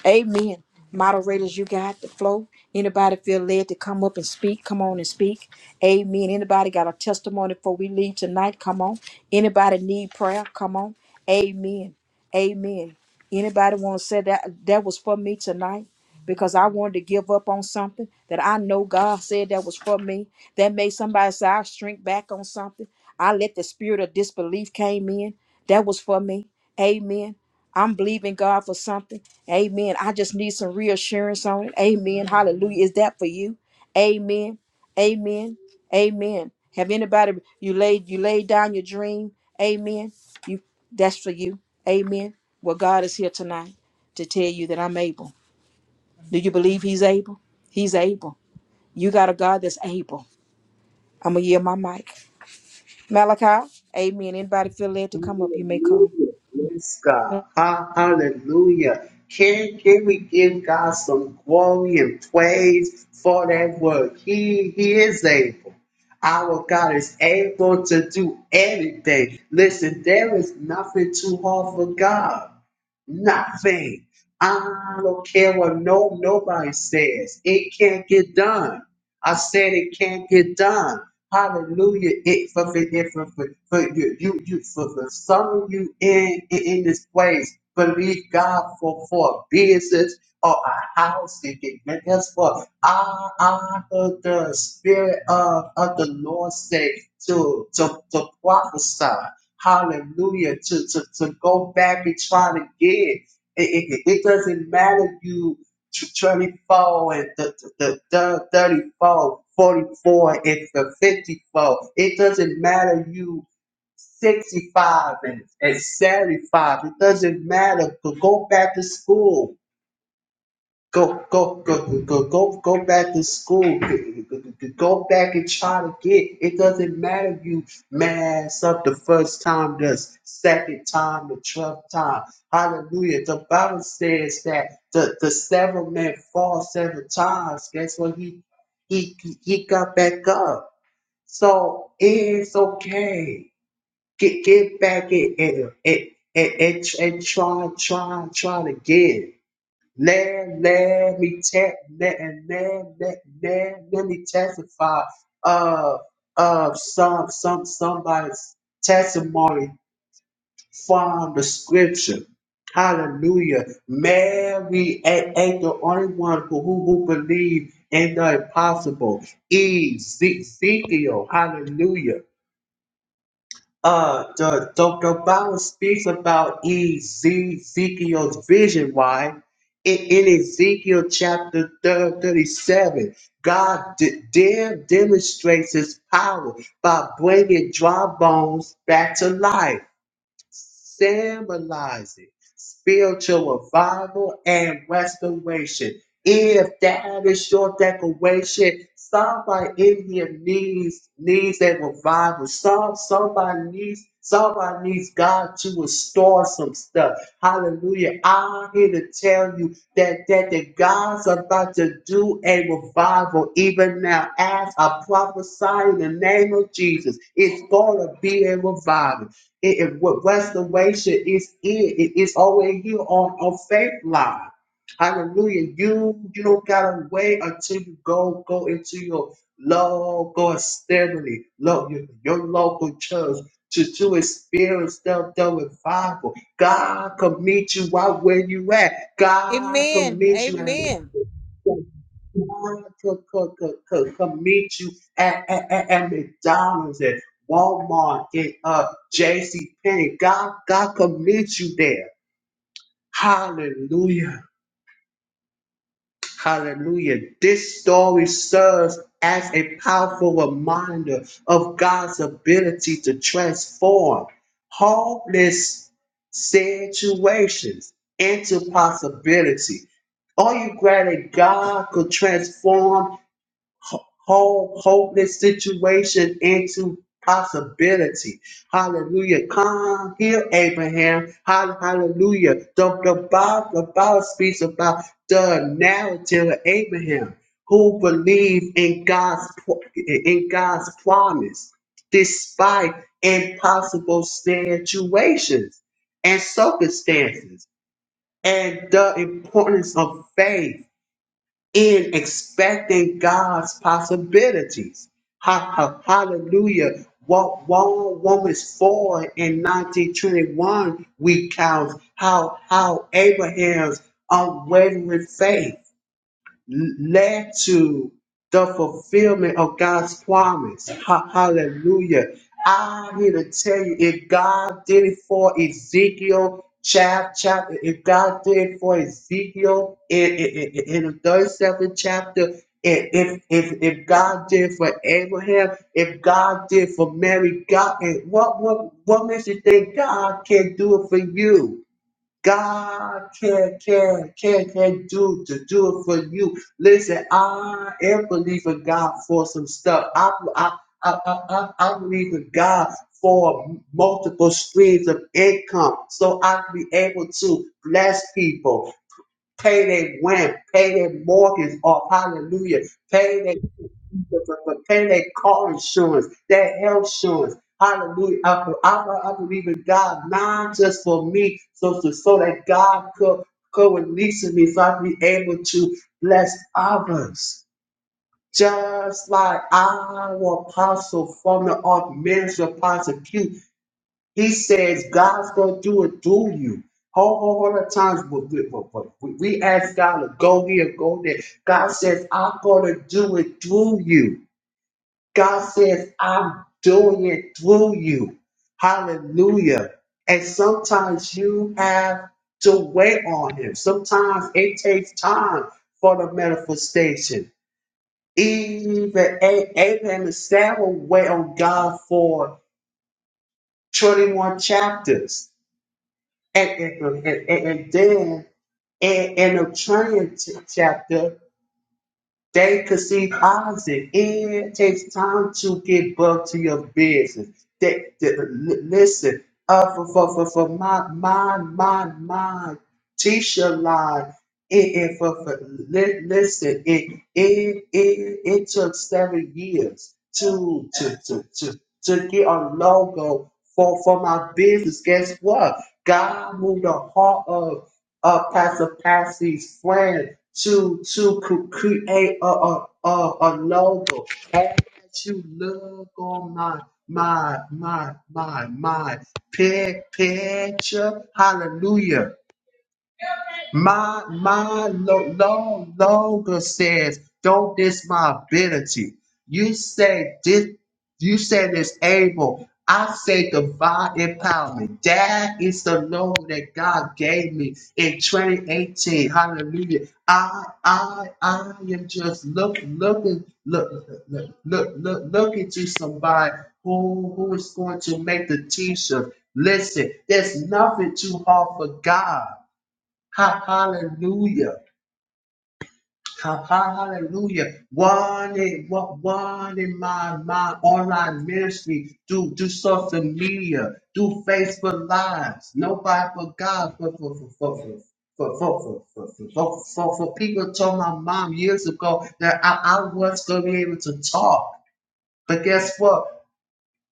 Amen. Moderators, you got the flow. Anybody feel led to come up and speak? Come on and speak. Amen. Anybody got a testimony before we leave tonight? Come on. Anybody need prayer? Come on. Amen. Amen. Anybody want to say that that was for me tonight? Because I wanted to give up on something that I know God said that was for me. That made somebody say I shrink back on something. I let the spirit of disbelief came in. That was for me. Amen. I'm believing God for something. Amen. I just need some reassurance on it. Amen. Hallelujah. Is that for you? Amen. Amen. Amen. Have anybody you laid you laid down your dream? Amen. You that's for you. Amen. Well, God is here tonight to tell you that I'm able. Do you believe He's able? He's able. You got a God that's able. I'm gonna yield my mic. Malachi. Amen. Anybody feel led to come up? You may come. Hallelujah. Yes, God. Ha- Hallelujah. Can, can we give God some glory and praise for that work? He, he is able. Our God is able to do anything. Listen, there is nothing too hard for God. Nothing. I don't care what no nobody says. It can't get done. I said it can't get done. Hallelujah. It for for, it, for, for, for you, you, you for, for some of you in, in in this place. Believe God for for a business or a house. And can and guess what? I I heard the spirit of, of the Lord say to to, to prophesy. Hallelujah. To, to, to go back and try to get. It, it, it doesn't matter you tw- 24 and the, the, the 34, 44 and the 54. It doesn't matter you 65 and, and 75. It doesn't matter. Go go back to school Go go go go go go back to school. Go go back and try to get. It doesn't matter if you mess up the first time, the second time, the twelfth time. Hallelujah. The Bible says that the, the seven men fall seven times. Guess what? He he he he got back up. So it's okay. Get get back and and and, and, and, and try try try to get. Let, let me te- let, let, let, let, let me testify of of some some somebody's testimony from the scripture. Hallelujah. Mary ain't, ain't the only one who, who, who believed in the impossible. Ezekiel, hallelujah. Uh, the, the, Bible speaks about Eze- Ezekiel's vision. Why? In, in Ezekiel chapter thir- 37, God de- there demonstrates his power by bringing dry bones back to life symbolizing spiritual revival and restoration. If that is your declaration, somebody in here needs needs a revival. Some somebody needs somebody needs God to restore some stuff. Hallelujah! I'm here to tell you that that that God's about to do a revival even now. As I prophesy in the name of Jesus, it's gonna be a revival. It, it what restoration is it? It is always here on on faith line. Hallelujah. You you don't gotta wait until you go go into your local assembly, love your, your local church to, to experience the, the revival. God can meet you right where you at. God can Amen. meet you Amen. could, could, could, could, could meet you at, at, at, at McDonald's and Walmart and uh, JC Penney. God, God could meet you there. Hallelujah. Hallelujah. This story serves as a powerful reminder of God's ability to transform hopeless situations into possibility. Are you glad that God could transform? ho- whole hopeless situation into possibility. Hallelujah. Come here, Abraham. Hall- Hallelujah. The, the, Bible, the Bible speaks about the narrative of Abraham who believed in God's pro- in God's promise despite impossible situations and circumstances and the importance of faith in expecting God's possibilities. Ha, ha, hallelujah. What Wall Romans 4 in 1921 we count how how Abraham's unwavering faith led to the fulfillment of God's promise. Ha- hallelujah. I'm here to tell you if God did it for Ezekiel, chap, chapter, if God did it for Ezekiel in, in, in in the 37th chapter, if, if, if if God did it for Abraham, if God did it for Mary, God, and what, what, what makes you think God can't do it for you? God can can can can do to do it for you. Listen, I am believing God for some stuff. I I I I, I I believe in God for multiple streams of income, so I can be able to bless people pay their rent, pay their mortgage off, hallelujah, pay their pay their car insurance, their health insurance, hallelujah. I, be- I, be- I believe in God, not just for me, so so, so that God could could release me so I can be able to bless others. Just like our apostle from the Ark Minister Apostle Q. He says God's gonna do it through you. Whole whole whole lot of times we, we, we, we we ask God to go here, go there. God says, I'm gonna do it through you. God says, I'm doing it through you. Hallelujah. And sometimes you have to wait on him. Sometimes it takes time for the manifestation. Even A- Abraham and Sarah wait on God for 21 chapters. And, and, and, and and then in, in the trying t- chapter, they conceive Isaac. It takes time to get back to your business. They, they- li- listen, uh, for, for, for, for my, my, my, my teacher line. It, it for, for li- listen, it, it it it took seven years to to to to, to get a logo for for my business. Guess what? God moved the heart of of Pastor Patsy's friend to to cre- create a a, a, a logo. As you look on my my my my my pic- picture, hallelujah. My my lo- lo- longer says, don't diss my ability. You say this, you say this able. I say divine empowerment. That is the loan that God gave me in 2018. Hallelujah. I I I am just look looking look look look look looking to somebody who who is going to make the t-shirt. Listen, there's nothing too hard for God. Ha- Hallelujah. Ha- ha- Hallelujah. One in what one in my my online ministry. Do do social media. Do Facebook lives. Nobody but God for for for for for for for for, for, for, for, for for people told my mom years ago that I, I was gonna be able to talk. But guess what?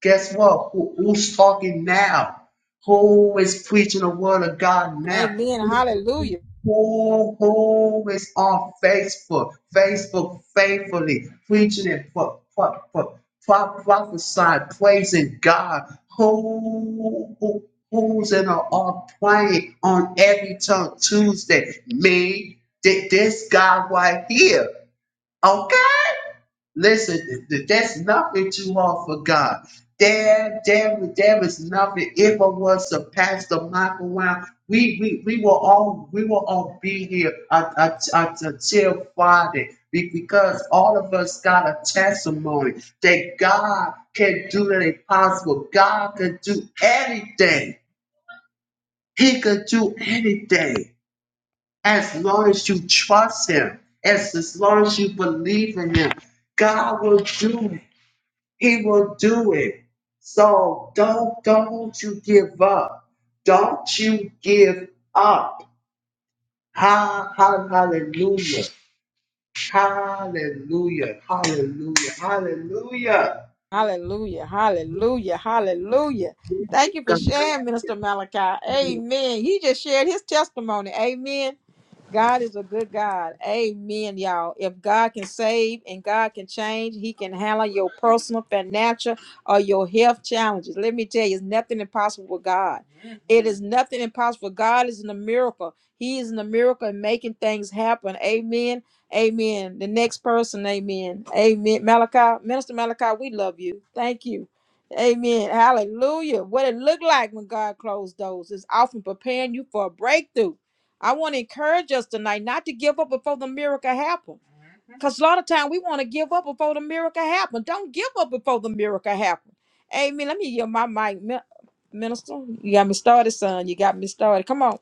Guess what? Who, who's talking now? Who is preaching the word of God now? Amen. Hallelujah. who, who is on Facebook, Facebook faithfully preaching and pro, pro, pro, pro, prophesying, praising God, who, who who's in a, a praying on every tongue Tuesday, me, thi- this guy right here. Okay? Listen, th- th- that's nothing too hard for God. There, there, there is nothing. If it was a Pastor Michael Wow, we, we, we will all, we will all be here un- un- un- until Friday be- because all of us got a testimony that God can do the impossible. God can do anything. He can do anything as long as you trust him, as, as long as you believe in him, God will do it. He will do it. So don't don't you give up. Don't you give up. Ha, ha, hallelujah. Hallelujah. Hallelujah. Hallelujah. Hallelujah. Hallelujah. Hallelujah. Thank you for sharing, Minister Malachi. Amen. He just shared his testimony. Amen. God is a good God. Amen, y'all. If God can save and God can change, He can handle your personal, financial, or your health challenges. Let me tell you, it's nothing impossible with God. It is nothing impossible. God is in a miracle. He is in a miracle and making things happen. Amen. Amen. The next person, amen. Amen. Malachi, Minister Malachi, we love you. Thank you. Amen. Hallelujah. What it looked like when God closed doors is often preparing you for a breakthrough. I want to encourage us tonight not to give up before the miracle happens. Because a lot of time we want to give up before the miracle happens. Don't give up before the miracle happens. Amen. Let me give my mic, Min- minister. You got me started, son. You got me started. Come on.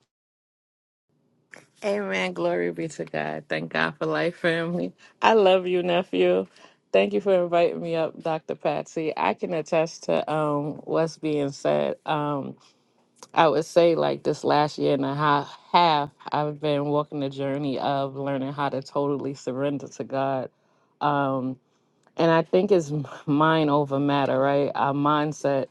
Amen. Glory be to God. Thank God for life, family. I love you, nephew. Thank you for inviting me up, Dr. Patsy. I can attest to um, what's being said. Um, I would say, like, this last year and a ha- half, I've been walking the journey of learning how to totally surrender to God. Um, and I think it's mind over matter, right? Our mindset,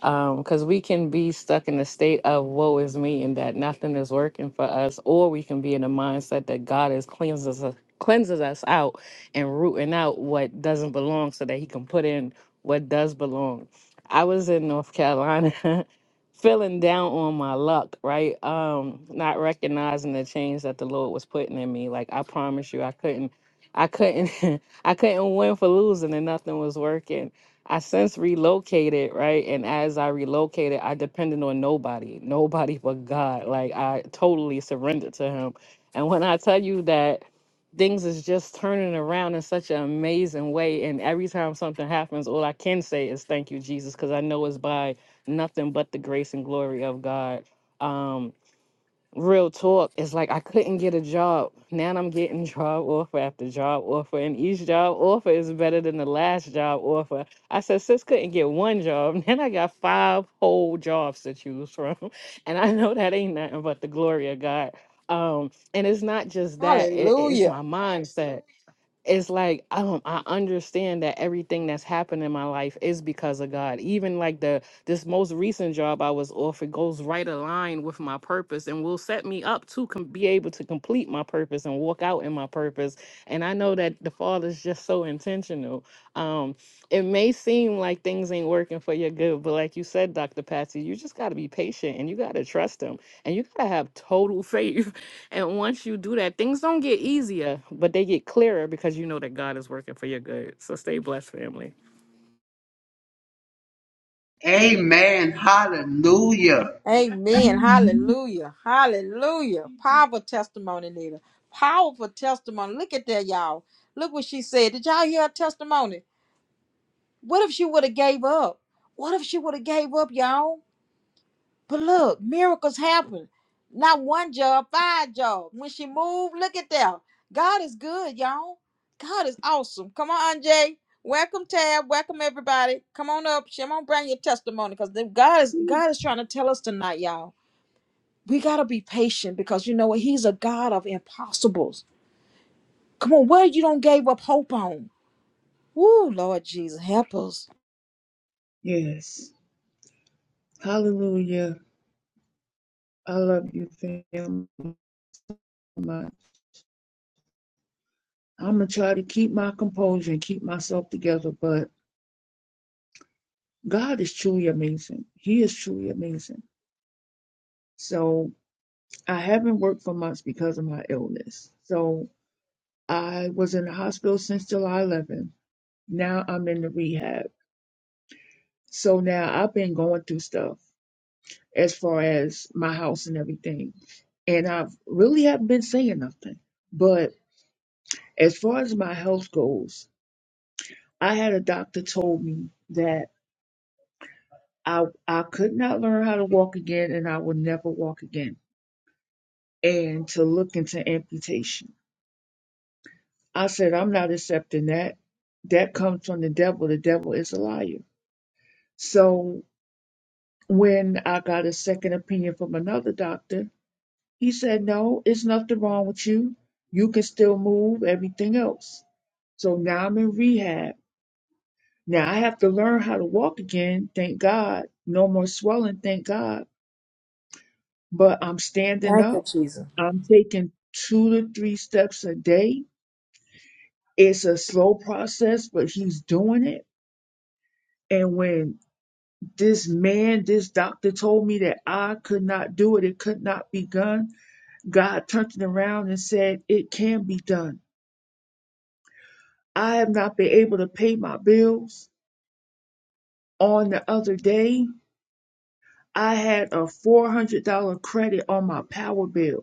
because we can be stuck in the state of woe is me and that nothing is working for us, or we can be in a mindset that God is cleanses us, cleanses us out and rooting out what doesn't belong, so that He can put in what does belong. I was in North Carolina. feeling down on my luck right um not recognizing the change that the lord was putting in me like i promise you i couldn't i couldn't I couldn't win for losing and nothing was working. I since relocated, right? And as I relocated, I depended on nobody, nobody but God. Like I totally surrendered to Him. And when I tell you that things is just turning around in such an amazing way, and every time something happens, all I can say is thank you, Jesus, because I know it's by nothing but the grace and glory of God. Um, real talk it's like i couldn't get a job now i'm getting job offer after job offer and each job offer is better than the last job offer i said sis couldn't get one job then i got five whole jobs to choose from and i know that ain't nothing but the glory of god um and it's not just that it, it's Hallelujah. my mindset it's like um I understand that everything that's happened in my life is because of God. Even like the this most recent job I was offered goes right aligned with my purpose and will set me up to com- be able to complete my purpose and walk out in my purpose. And I know that the Father's just so intentional. Um, it may seem like things ain't working for your good, but like you said, Dr. Patsy, you just got to be patient and you got to trust Him and you got to have total faith and once you do that, things don't get easier, but they get clearer because you know that God is working for your good. So stay blessed, family. Amen. Hallelujah. Amen. Hallelujah. Hallelujah. Powerful testimony, Nita. Powerful testimony. Look at that, y'all. Look what she said. Did y'all hear her testimony? What if she would have gave up? What if she would have gave up, y'all? But look, miracles happen. Not one job, five jobs. When she moved, look at that. God is good, y'all. God is awesome. Come on, Anjay. Welcome, Tab. Welcome, everybody. Come on up. Come on, bring your testimony because God is God is trying to tell us tonight, y'all we got to be patient because you know what? He's a God of impossibles. Come on, what you don't gave up hope on? Woo, Lord Jesus, help us. Yes. Hallelujah. I love you, fam. I'm going to try to keep my composure and keep myself together, but God is truly amazing. He is truly amazing. So I haven't worked for months because of my illness. So I was in the hospital since July 11. Now I'm in the rehab. So now I've been going through stuff as far as my house and everything. And I've really haven't been saying nothing. But as far as my health goes, I had a doctor told me that I I could not learn how to walk again and I would never walk again and to look into amputation. I said I'm not accepting that. That comes from the devil. The devil is a liar. So when I got a second opinion from another doctor, he said, "No, it's nothing wrong with you. You can still move everything else." So now I'm in rehab. Now I have to learn how to walk again, thank God. No more swelling, thank God but I'm standing up. I'm taking two to three steps a day. It's a slow process, but he's doing it. And when this man, this doctor told me that I could not do it, it could not be done, God turned it around and said, It can be done. I have not been able to pay my bills. On the other day, I had a $400 credit on my power bill.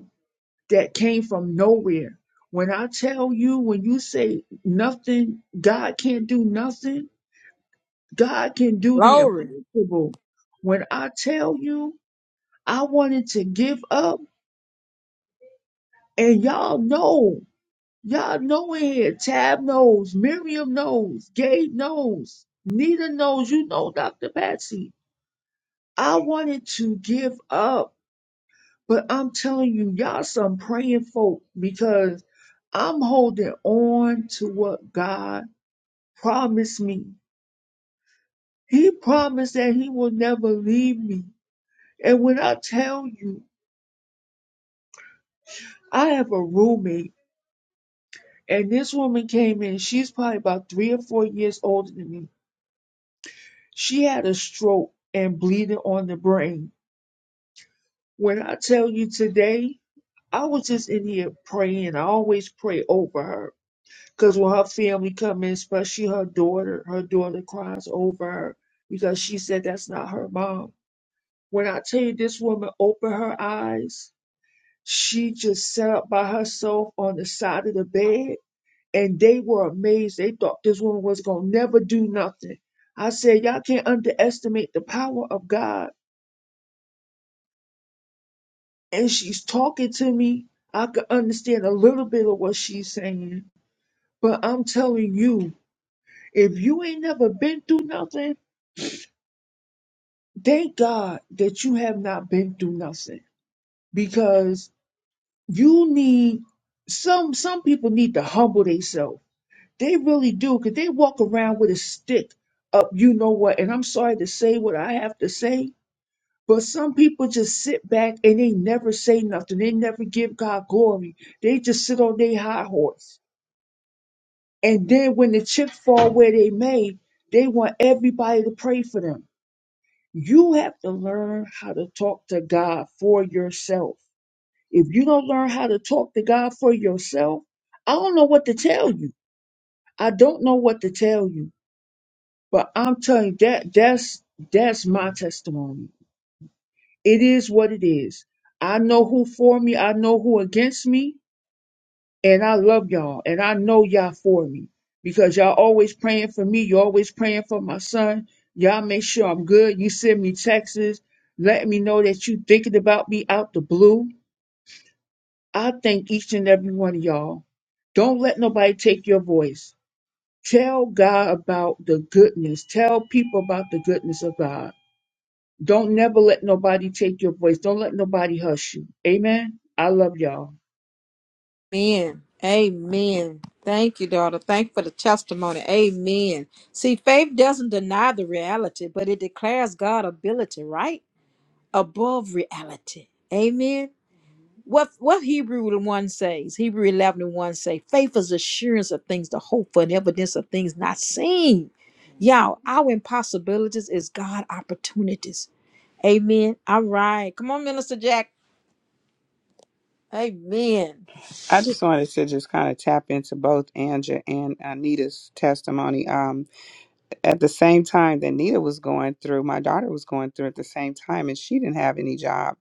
that came from nowhere. When I tell you, when you say nothing, God can't do nothing, God can do the Glory. impossible. When I tell you, I wanted to give up, and y'all know, y'all know in here, Tab knows, Miriam knows, Gabe knows, Nita knows, you know, Dr. Patsy. I wanted to give up But I'm telling you, y'all some praying folk because I'm holding on to what God promised me. He promised that He will never leave me. And when I tell you, I have a roommate, and this woman came in, she's probably about three or four years older than me. She had a stroke and bleeding on the brain. When I tell you today, I was just in here praying. I always pray over her. Because when her family come in, especially her daughter, her daughter cries over her because she said that's not her mom. When I tell you this woman opened her eyes, she just sat up by herself on the side of the bed and they were amazed. They thought this woman was going to never do nothing. I said, Y'all can't underestimate the power of God. And she's talking to me. I could understand a little bit of what she's saying. But I'm telling you, if you ain't never been through nothing, Thank God that you have not been through nothing because you need some some people need to humble themselves. They really do because they walk around with a stick up, you know what, and I'm sorry to say what I have to say, but some people just sit back and they never say nothing. They never give God glory. They just sit on their high horse. And then when the chips fall where they may, they want everybody to pray for them. You have to learn how to talk to God for yourself. If you don't learn how to talk to God for yourself, I don't know what to tell you. I don't know what to tell you, but I'm telling you that that's that's my testimony. It is what it is. I know who for me, I know who against me, and I love y'all, and I know y'all for me because y'all always praying for me. You're always praying for my son. Y'all make sure I'm good. You send me texts, letting me know that you thinking about me out the blue. I thank each and every one of y'all. Don't let nobody take your voice. Tell God about the goodness. Tell people about the goodness of God. Don't never let nobody take your voice. Don't let nobody hush you. Amen. I love y'all. Amen. Amen. Thank you, daughter. Thank you for the testimony. Amen. See, faith doesn't deny the reality, but it declares God's ability, right? Above reality. Amen. What what Hebrew one says, Hebrew eleven and one say, faith is assurance of things to hope for and evidence of things not seen. Y'all, our impossibilities is God opportunities. Amen. All right. Come on, Minister Jack. Amen. I just wanted to just kind of tap into both Anja and Anita's testimony. Um, at the same time that Anita was going through, my daughter was going through at the same time, and she didn't have any job.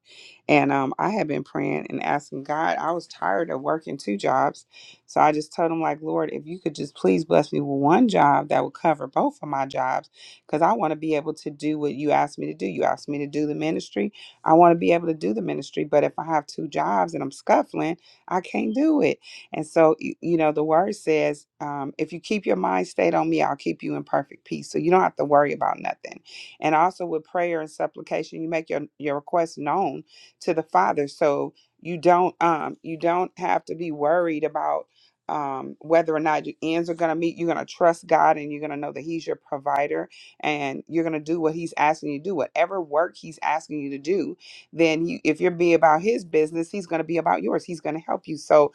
And um, I had been praying and asking God. I was tired of working two jobs, so I just told him, like, Lord, if you could just please bless me with one job that would cover both of my jobs, because I want to be able to do what you asked me to do. You asked me to do the ministry. I want to be able to do the ministry, but if I have two jobs and I'm scuffling, I can't do it. And so, you, you know, the word says, um, if you keep your mind stayed on me, I'll keep you in perfect peace. So you don't have to worry about nothing. And also with prayer and supplication, you make your, your request known to the Father. So you don't um, you don't have to be worried about um, whether or not your ends are going to meet. You're going to trust God and you're going to know that He's your provider and you're going to do what He's asking you to do. Whatever work He's asking you to do, then you, if you're be about His business, He's going to be about yours. He's going to help you. So,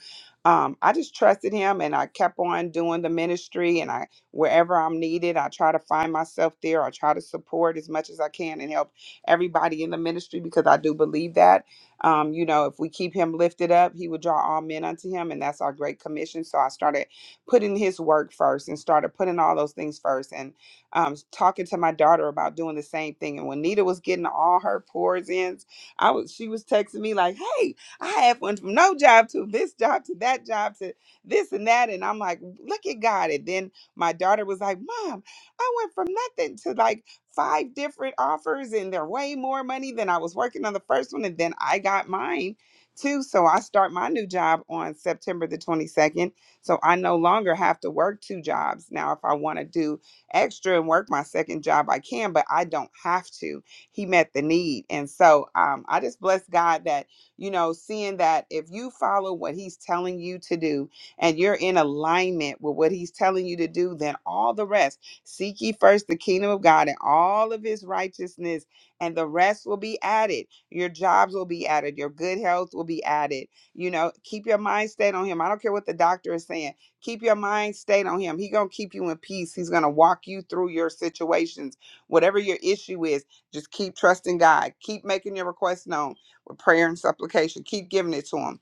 um, I just trusted him and I kept on doing the ministry and I wherever I'm needed, I try to find myself there. I try to support as much as I can and help everybody in the ministry because I do believe that. Um, you know, if we keep him lifted up, he will draw all men unto him, and that's our great commission. So I started putting his work first and started putting all those things first and um, talking to my daughter about doing the same thing. And when Nita was getting all her pours in, I was she was texting me like, "Hey, I have went from no job to this job to that job to this and that. And I'm like, look at God. And then my daughter was like, Mom, I went from nothing to like five different offers, and they're way more money than I was working on the first one. And then I got mine too. So I start my new job on September the 22nd. So I no longer have to work two jobs. Now, if I want to do extra and work my second job, I can, but I don't have to. He met the need. And so um, I just bless God that you know, seeing that if you follow what he's telling you to do and you're in alignment with what he's telling you to do, then all the rest, seek ye first the kingdom of God and all of his righteousness, and the rest will be added. Your jobs will be added, your good health will be added. You know, keep your mind stayed on him. I don't care what the doctor is saying. Keep your mind stayed on him. He going to keep you in peace. He's going to walk you through your situations. Whatever your issue is, just keep trusting God. Keep making your requests known with prayer and supplication. Keep giving it to him.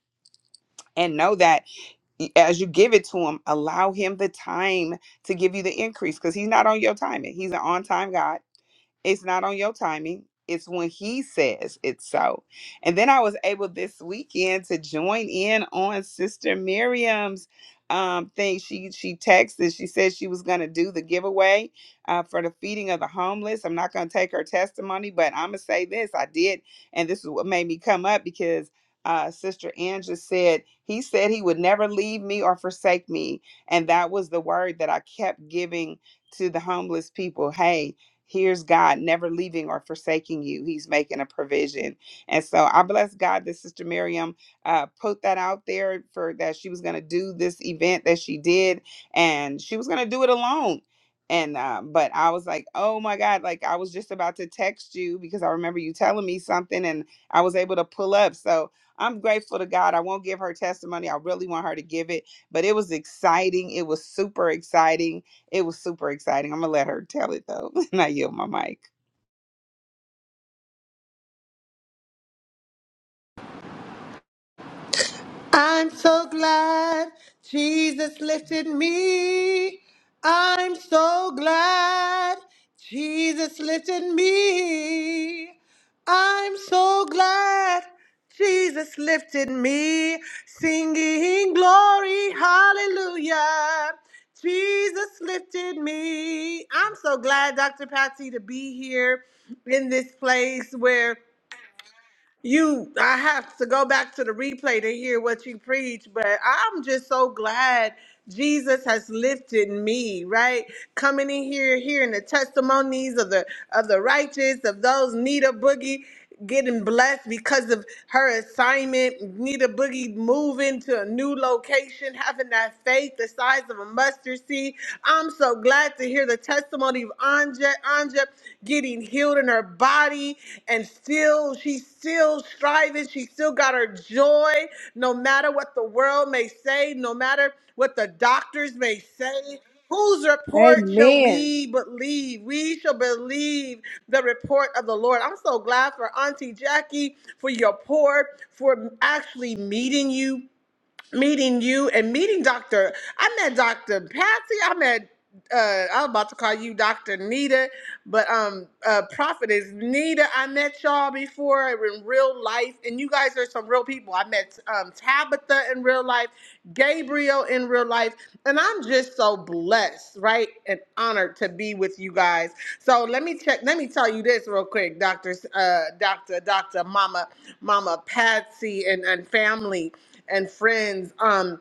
And know that as you give it to him, allow him the time to give you the increase because he's not on your timing. He's an on time God it's not on your timing. It's when he says it's so. And then I was able this weekend to join in on Sister Miriam's um, thing. She she texted. She said she was going to do the giveaway uh, for the feeding of the homeless. I'm not going to take her testimony, but I'm gonna say this: I did, and this is what made me come up because uh, Sister Angela said he said he would never leave me or forsake me, and that was the word that I kept giving to the homeless people. Hey, Here's God never leaving or forsaking you. He's making a provision. And so I bless God that Sister Miriam uh, put that out there for that she was going to do this event that she did, and she was going to do it alone. And uh, but I was like, oh my God, like I was just about to text you because I remember you telling me something, and I was able to pull up. So I'm grateful to God. I won't give her testimony. I really want her to give it, but it was exciting. It was super exciting it was super exciting. I'm gonna let her tell it though, and I yield my mic. I'm so glad Jesus lifted me. I'm so glad Jesus lifted me. I'm so glad Jesus lifted me. Singing glory, hallelujah. Jesus lifted me. I'm so glad, Dr. Patsy, to be here in this place where you I have to go back to the replay to hear what you preach, but I'm just so glad Jesus has lifted me, right? Coming in here, hearing the testimonies of the of the righteous, of those Nita Boogie getting blessed because of her assignment, Nita Boogie moving to a new location, having that faith the size of a mustard seed. I'm so glad to hear the testimony of Anja, Anja getting healed in her body, and still she's still striving. She still got her joy, no matter what the world may say, no matter what the doctors may say. Whose report shall Amen. we believe? We shall believe the report of the Lord. I'm so glad for Auntie Jackie, for your pour, for actually meeting you meeting you and meeting Dr. I met Dr. Patsy. I met uh I was about to call you Dr. Nita, but um uh prophetess Nita. I met y'all before in real life, and you guys are some real people. I met um Tabitha in real life, Gabriel in real life, and I'm just so blessed, right? And honored to be with you guys. So let me check, let me tell you this real quick, Dr. uh Dr. Dr. Mama, Mama Patsy and, and family and friends um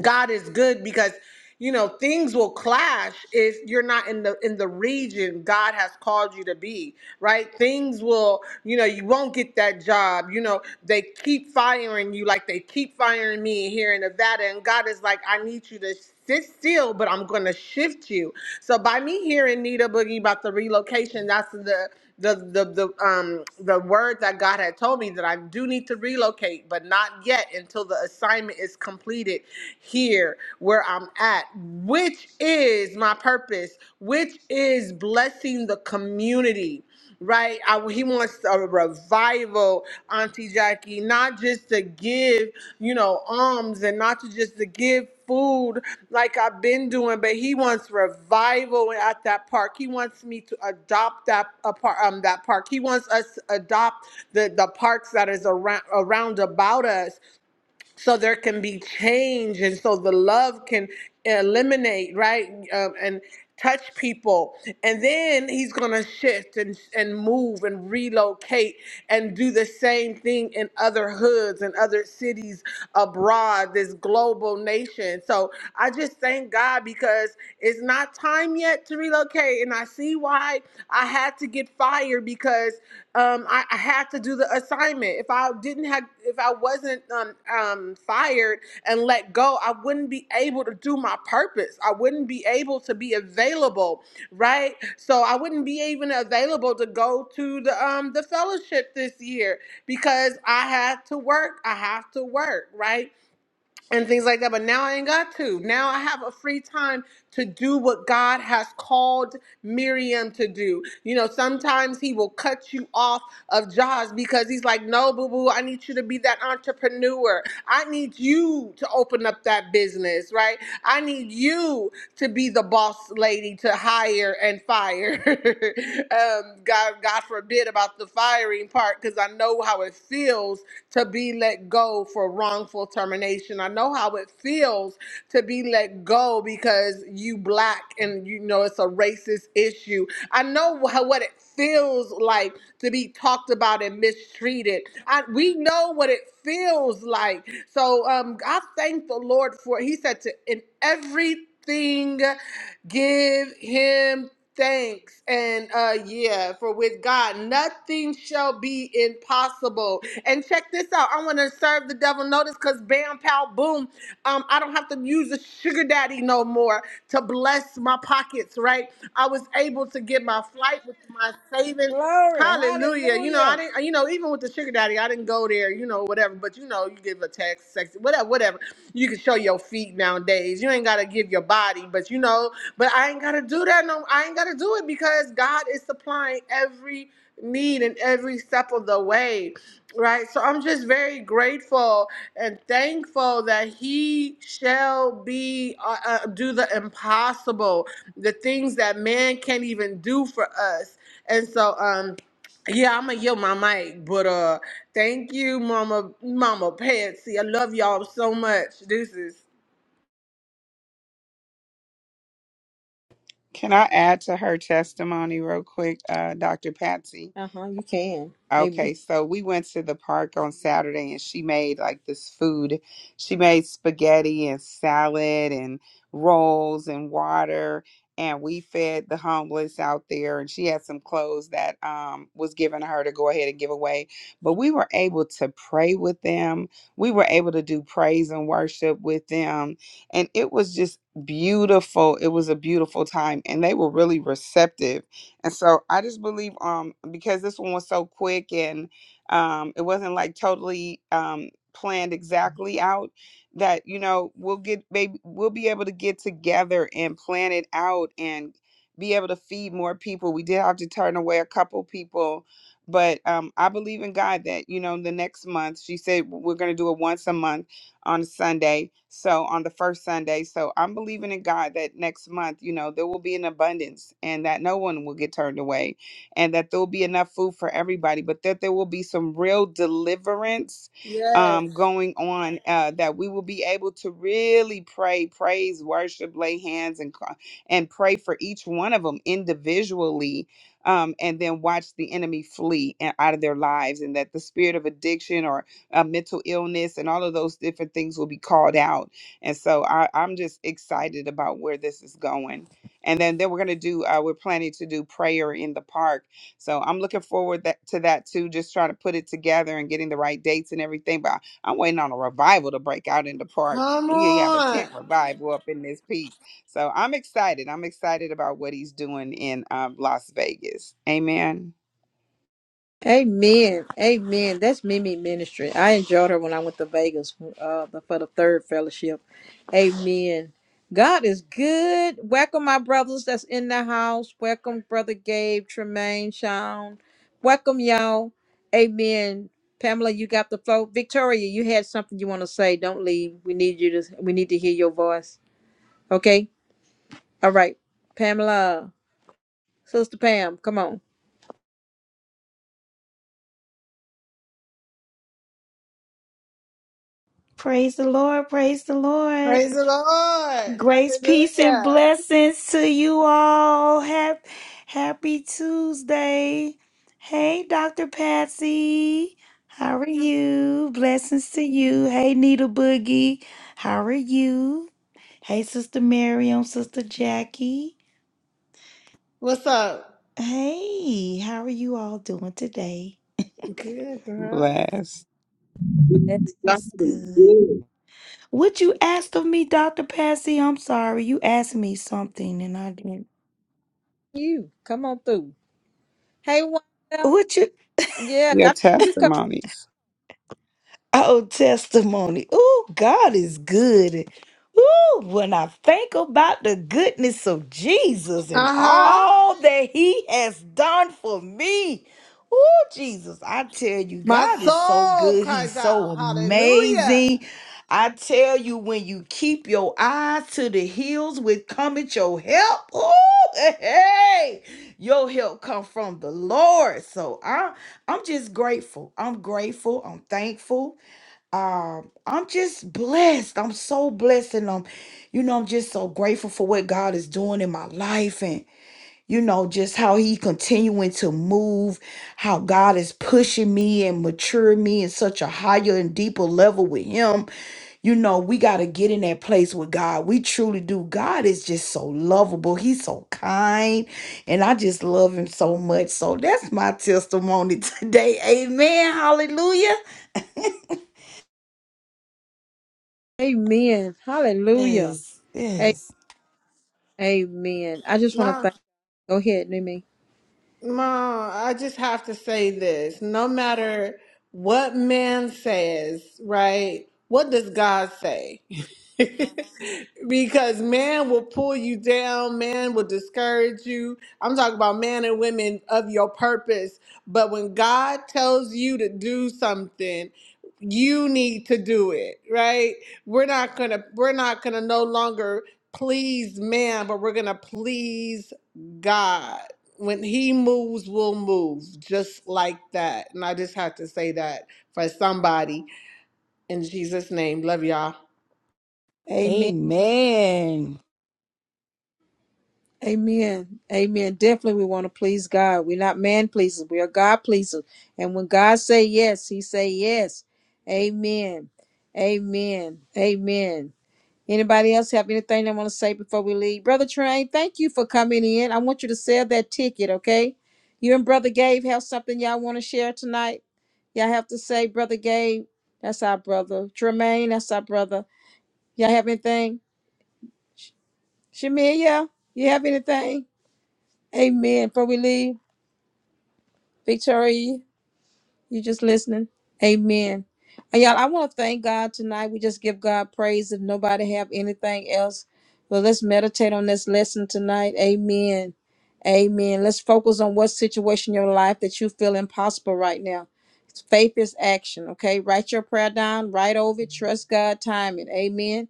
god is good because you know things will clash if you're not in the in the region god has called you to be right things will you know you won't get that job you know they keep firing you like they keep firing me here in nevada and god is like i need you to sit still but i'm gonna shift you so by me hearing nita boogie about the relocation that's the the the the um the word that God had told me that I do need to relocate, but not yet until the assignment is completed here where I'm at, which is my purpose, which is blessing the community right? I, he wants a revival, Auntie Jackie, not just to give, you know, alms and not to just to give food like I've been doing, but he wants revival at that park. He wants me to adopt that a par- um, that park. He wants us to adopt the, the parks that is around around about us so there can be change and so the love can eliminate right um, and touch people and then he's going to shift and, and move and relocate and do the same thing in other hoods and other cities abroad abroad, this global nation. So I just thank God because it's not time yet to relocate. And I see why I had to get fired because um, I, I had to do the assignment. If I didn't have, if I wasn't um, um, fired and let go, I wouldn't be able to do my purpose. I wouldn't be able to be available, right? So I wouldn't be even available to go to the um, the fellowship this year because I had to work. I have to work, right? and things like that. But now I ain't got to. Now I have a free time to do what God has called Miriam to do. You know, sometimes He will cut you off of jobs because He's like, no, boo boo, I need you to be that entrepreneur. I need you to open up that business, right? I need you to be the boss lady to hire and fire. um, God, God forbid about the firing part because I know how it feels to be let go for wrongful termination. I know how it feels to be let go because you black and you know it's a racist issue. I know how, what it feels like to be talked about and mistreated. I, we know what it feels like. So um, I thank the Lord for. He said to in everything everything, give him thanks. And uh yeah, for with God nothing shall be impossible. And check this out. I want to serve the devil notice because bam pow boom. Um, I don't have to use a sugar daddy no more to bless my pockets, right? I was able to get my flight with my savings. Glory. Hallelujah. You know, I Hallelujah. didn't, you know, even with the sugar daddy, I didn't go there, you know, whatever, but you know, you give a text, sex, whatever, whatever. You can show your feet nowadays. You ain't got to give your body, but you know, but I ain't got to do that. No, I ain't got to do it because God is supplying every need and every step of the way. Right. So I'm just very grateful and thankful that he shall be, uh, uh, do the impossible, the things that man can't even do for us and so, um, yeah, I'm gonna yield my mic, but uh, thank you, Mama, Mama Patsy. I love y'all so much. Deuces. Can I add to her testimony real quick, uh, Dr. Patsy? Uh huh. You can. Amen. Okay, so we went to the park on Saturday and she made like this food. She made spaghetti and salad and rolls and water and we fed the homeless out there and she had some clothes that um was given to her to go ahead and give away. But we were able to pray with them. We were able to do praise and worship with them and it was just beautiful. It was a beautiful time and they were really receptive and so I just believe um because this one was so quick and um it wasn't like totally um planned exactly out that you know we'll get maybe we'll be able to get together and plan it out and be able to feed more people. We did have to turn away a couple people, but um I believe in God that you know the next month she said we're going to do it once a month on Sunday. So on the first Sunday. So I'm believing in God that next month, you know, there will be an abundance and that no one will get turned away and that there will be enough food for everybody, but that there will be some real deliverance Yes. um, going on uh, that we will be able to really pray, praise, worship, lay hands and, cry- and pray for each one of them individually um, and then watch the enemy flee and out of their lives and that the spirit of addiction or uh, mental illness and all of those different things will be called out. And so I, I'm just excited about where this is going. And then, then we're going to do, uh, we're planning to do prayer in the park. So I'm looking forward that, to that too, just trying to put it together and getting the right dates and everything. But I- I'm waiting on a revival to break out in the park. Come We gonna have a tent on. revival up in this piece. So I'm excited. I'm excited about what he's doing in um, Las Vegas. Amen. Amen. Amen. That's Mimi ministry. I enjoyed her when I went to Vegas uh, for the third fellowship. Amen. God is good. Welcome, my brothers that's in the house. Welcome, Brother Gabe, Tremaine, Sean. Welcome, y'all. Amen. Pamela, you got the flow. Victoria, you had something you want to say. Don't leave. We need you to we need to hear your voice. Okay? All right. Pamela, Sister Pam, come on. Praise the Lord. Praise the Lord. Praise the Lord. Grace, peace, and Hallelujah. blessings to you all. Hap- Happy Tuesday. Hey, Dr. Patsy. How are you? Blessings to you. Hey, Needle Boogie. How are you? Hey, Sister Miriam, Sister Jackie. What's up? Hey, how are you all doing today? Good, girl. Bless That's God That's is good. good. What you asked of me, Dr. Patsy? I'm sorry. You asked me something and I didn't. you. Come on through. Hey, Wanda. What you Yeah, I your know you come. testimonies. Oh, testimony. Oh, God is good. Oh, when I think about the goodness of Jesus and Uh huh. all that he has done for me. Oh, Jesus, I tell you, My God is so soul good. He's cries so out. Hallelujah. amazing. I tell you, when you keep your eyes to the hills with cometh your help, oh, hey, your help come from the Lord. So i I'm just grateful. I'm grateful. I'm thankful um i'm just blessed i'm so blessed and um, you know i'm just so grateful for what god is doing in my life and you know just how he continuing to move how god is pushing me and maturing me in such a higher and deeper level with him you know we got to get in that place with god we truly do god is just so lovable he's so kind and i just love him so much so that's my testimony today amen hallelujah Amen. Hallelujah. yes A- yes Amen. I just want to thank. Go ahead, Numi. Ma, I just have to say this. No matter what man says, right? What does God say? because man will pull you down, man will discourage you. I'm talking about men and women of your purpose. But when God tells you to do something, you need to do it, right? We're not gonna we're not gonna no longer please man, but we're gonna please God when he moves, we'll move just like that. And I just had to say that for somebody in Jesus' name. Love y'all. Amen. Amen. Amen. Definitely we want to please God. We're not man pleasers. We are God pleasers. And when God say yes, he say yes. Amen. Amen. Amen. Anybody else have anything they want to say before we leave? Brother Train, thank you for coming in. I want you to sell that ticket, okay? You and Brother Gabe have something y'all want to share tonight? Y'all have to say, Brother Gabe, that's our brother. Tremaine, that's our brother. Y'all have anything? Shamiya, you have anything? Amen. Before we leave. Victoria, you just listening? Amen. And y'all, I want to thank God tonight. We just give God praise if nobody have anything else. But let's meditate on this lesson tonight. Amen. Amen. Let's focus on what situation in your life that you feel impossible right now. Faith is action. Okay. Write your prayer down, write over it, trust God, time it. Amen.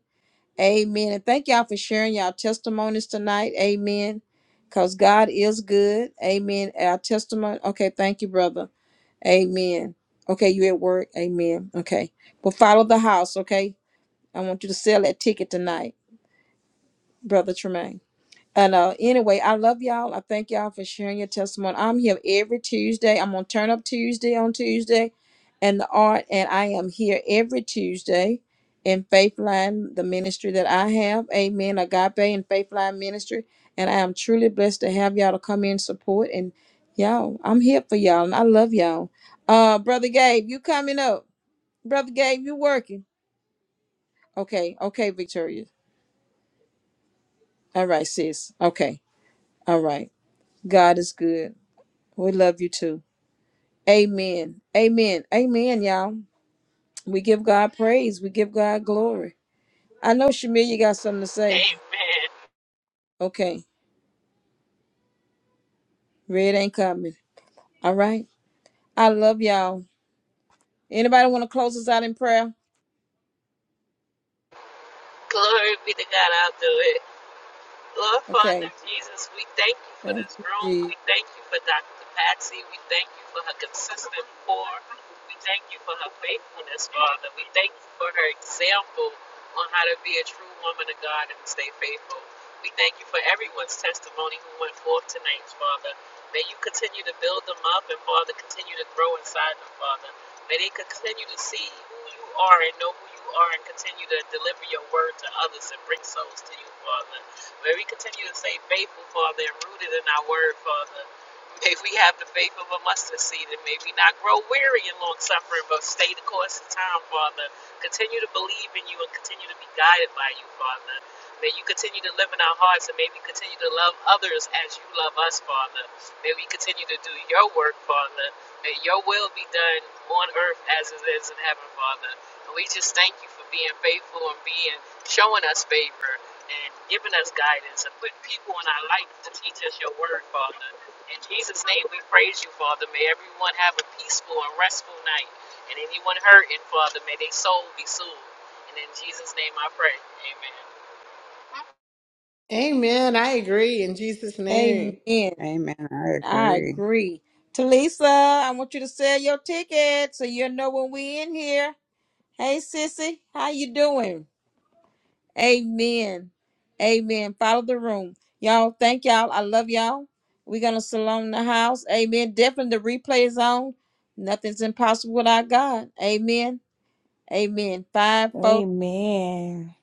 Amen. And thank y'all for sharing y'all testimonies tonight. Amen. Because God is good. Amen. Our testimony. Okay. Thank you, brother. Amen. Okay, you at work. Amen. Okay. But follow the house, okay? I want you to sell that ticket tonight, Brother Tremaine. And uh, anyway, I love y'all. I thank y'all for sharing your testimony. I'm here every Tuesday. I'm on Turn Up Tuesday on Tuesday and the art. And I am here every Tuesday in Faith Line, the ministry that I have. Amen. Agape and Faith Line Ministry. And I am truly blessed to have y'all to come in support. And y'all, I'm here for y'all. And I love y'all. Uh, Brother Gabe, you coming up. Brother Gabe, you working. Okay. Okay, Victoria. All right, sis. Okay. All right. God is good. We love you too. Amen. Amen. Amen, y'all. We give God praise. We give God glory. I know Shamir, you got something to say. Amen. Okay. Red ain't coming. All right. I love y'all. Anybody want to close us out in prayer? Glory be to God. I'll do it. Lord Okay. Father Jesus, we thank you for Thank this you, room. Jesus. We thank you for Dr. Patsy. We thank you for her consistent pour. We thank you for her faithfulness, Father. We thank you for her example on how to be a true woman of God and stay faithful. We thank you for everyone's testimony who went forth tonight, Father. May you continue to build them up and, Father, continue to grow inside them, Father. May they continue to see who you are and know who you are and continue to deliver your word to others and bring souls to you, Father. May we continue to stay faithful, Father, and rooted in our word, Father. May we have the faith of a mustard seed, and may we not grow weary in long suffering, but stay the course of time, Father. Continue to believe in you and continue to be guided by you, Father. May you continue to live in our hearts, and may we continue to love others as you love us, Father. May we continue to do your work, Father. May your will be done on earth as it is in heaven, Father. And we just thank you for being faithful and being showing us favor and giving us guidance and putting people in our life to teach us your word, Father. In Jesus' name we praise you, Father. May everyone have a peaceful and restful night. And anyone hurting, Father, may their soul be soothed. And in Jesus' name I pray. Amen. Amen. I agree in Jesus' name. Amen. Amen. I I agree. agree. Talisa, I want you to sell your ticket so you'll know when we in here. Hey, sissy, how you doing? Amen. Amen. Follow the room. Y'all, thank y'all. I love y'all. We're going to salon the house. Amen. Definitely the replay is on. Nothing's impossible with our God. Amen. Amen. Five, four. Amen.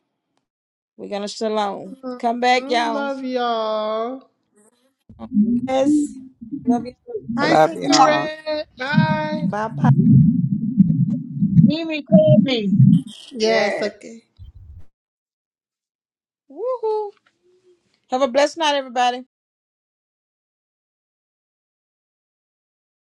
We're going to shalom. Mhm. Come back, y'all. Love y'all. Yes, Love you I Hi, too. love Sister y'all. Red. Bye. Bye bye. Mimi call me. Yes, Yes. okay. Woohoo. Have a blessed night, everybody.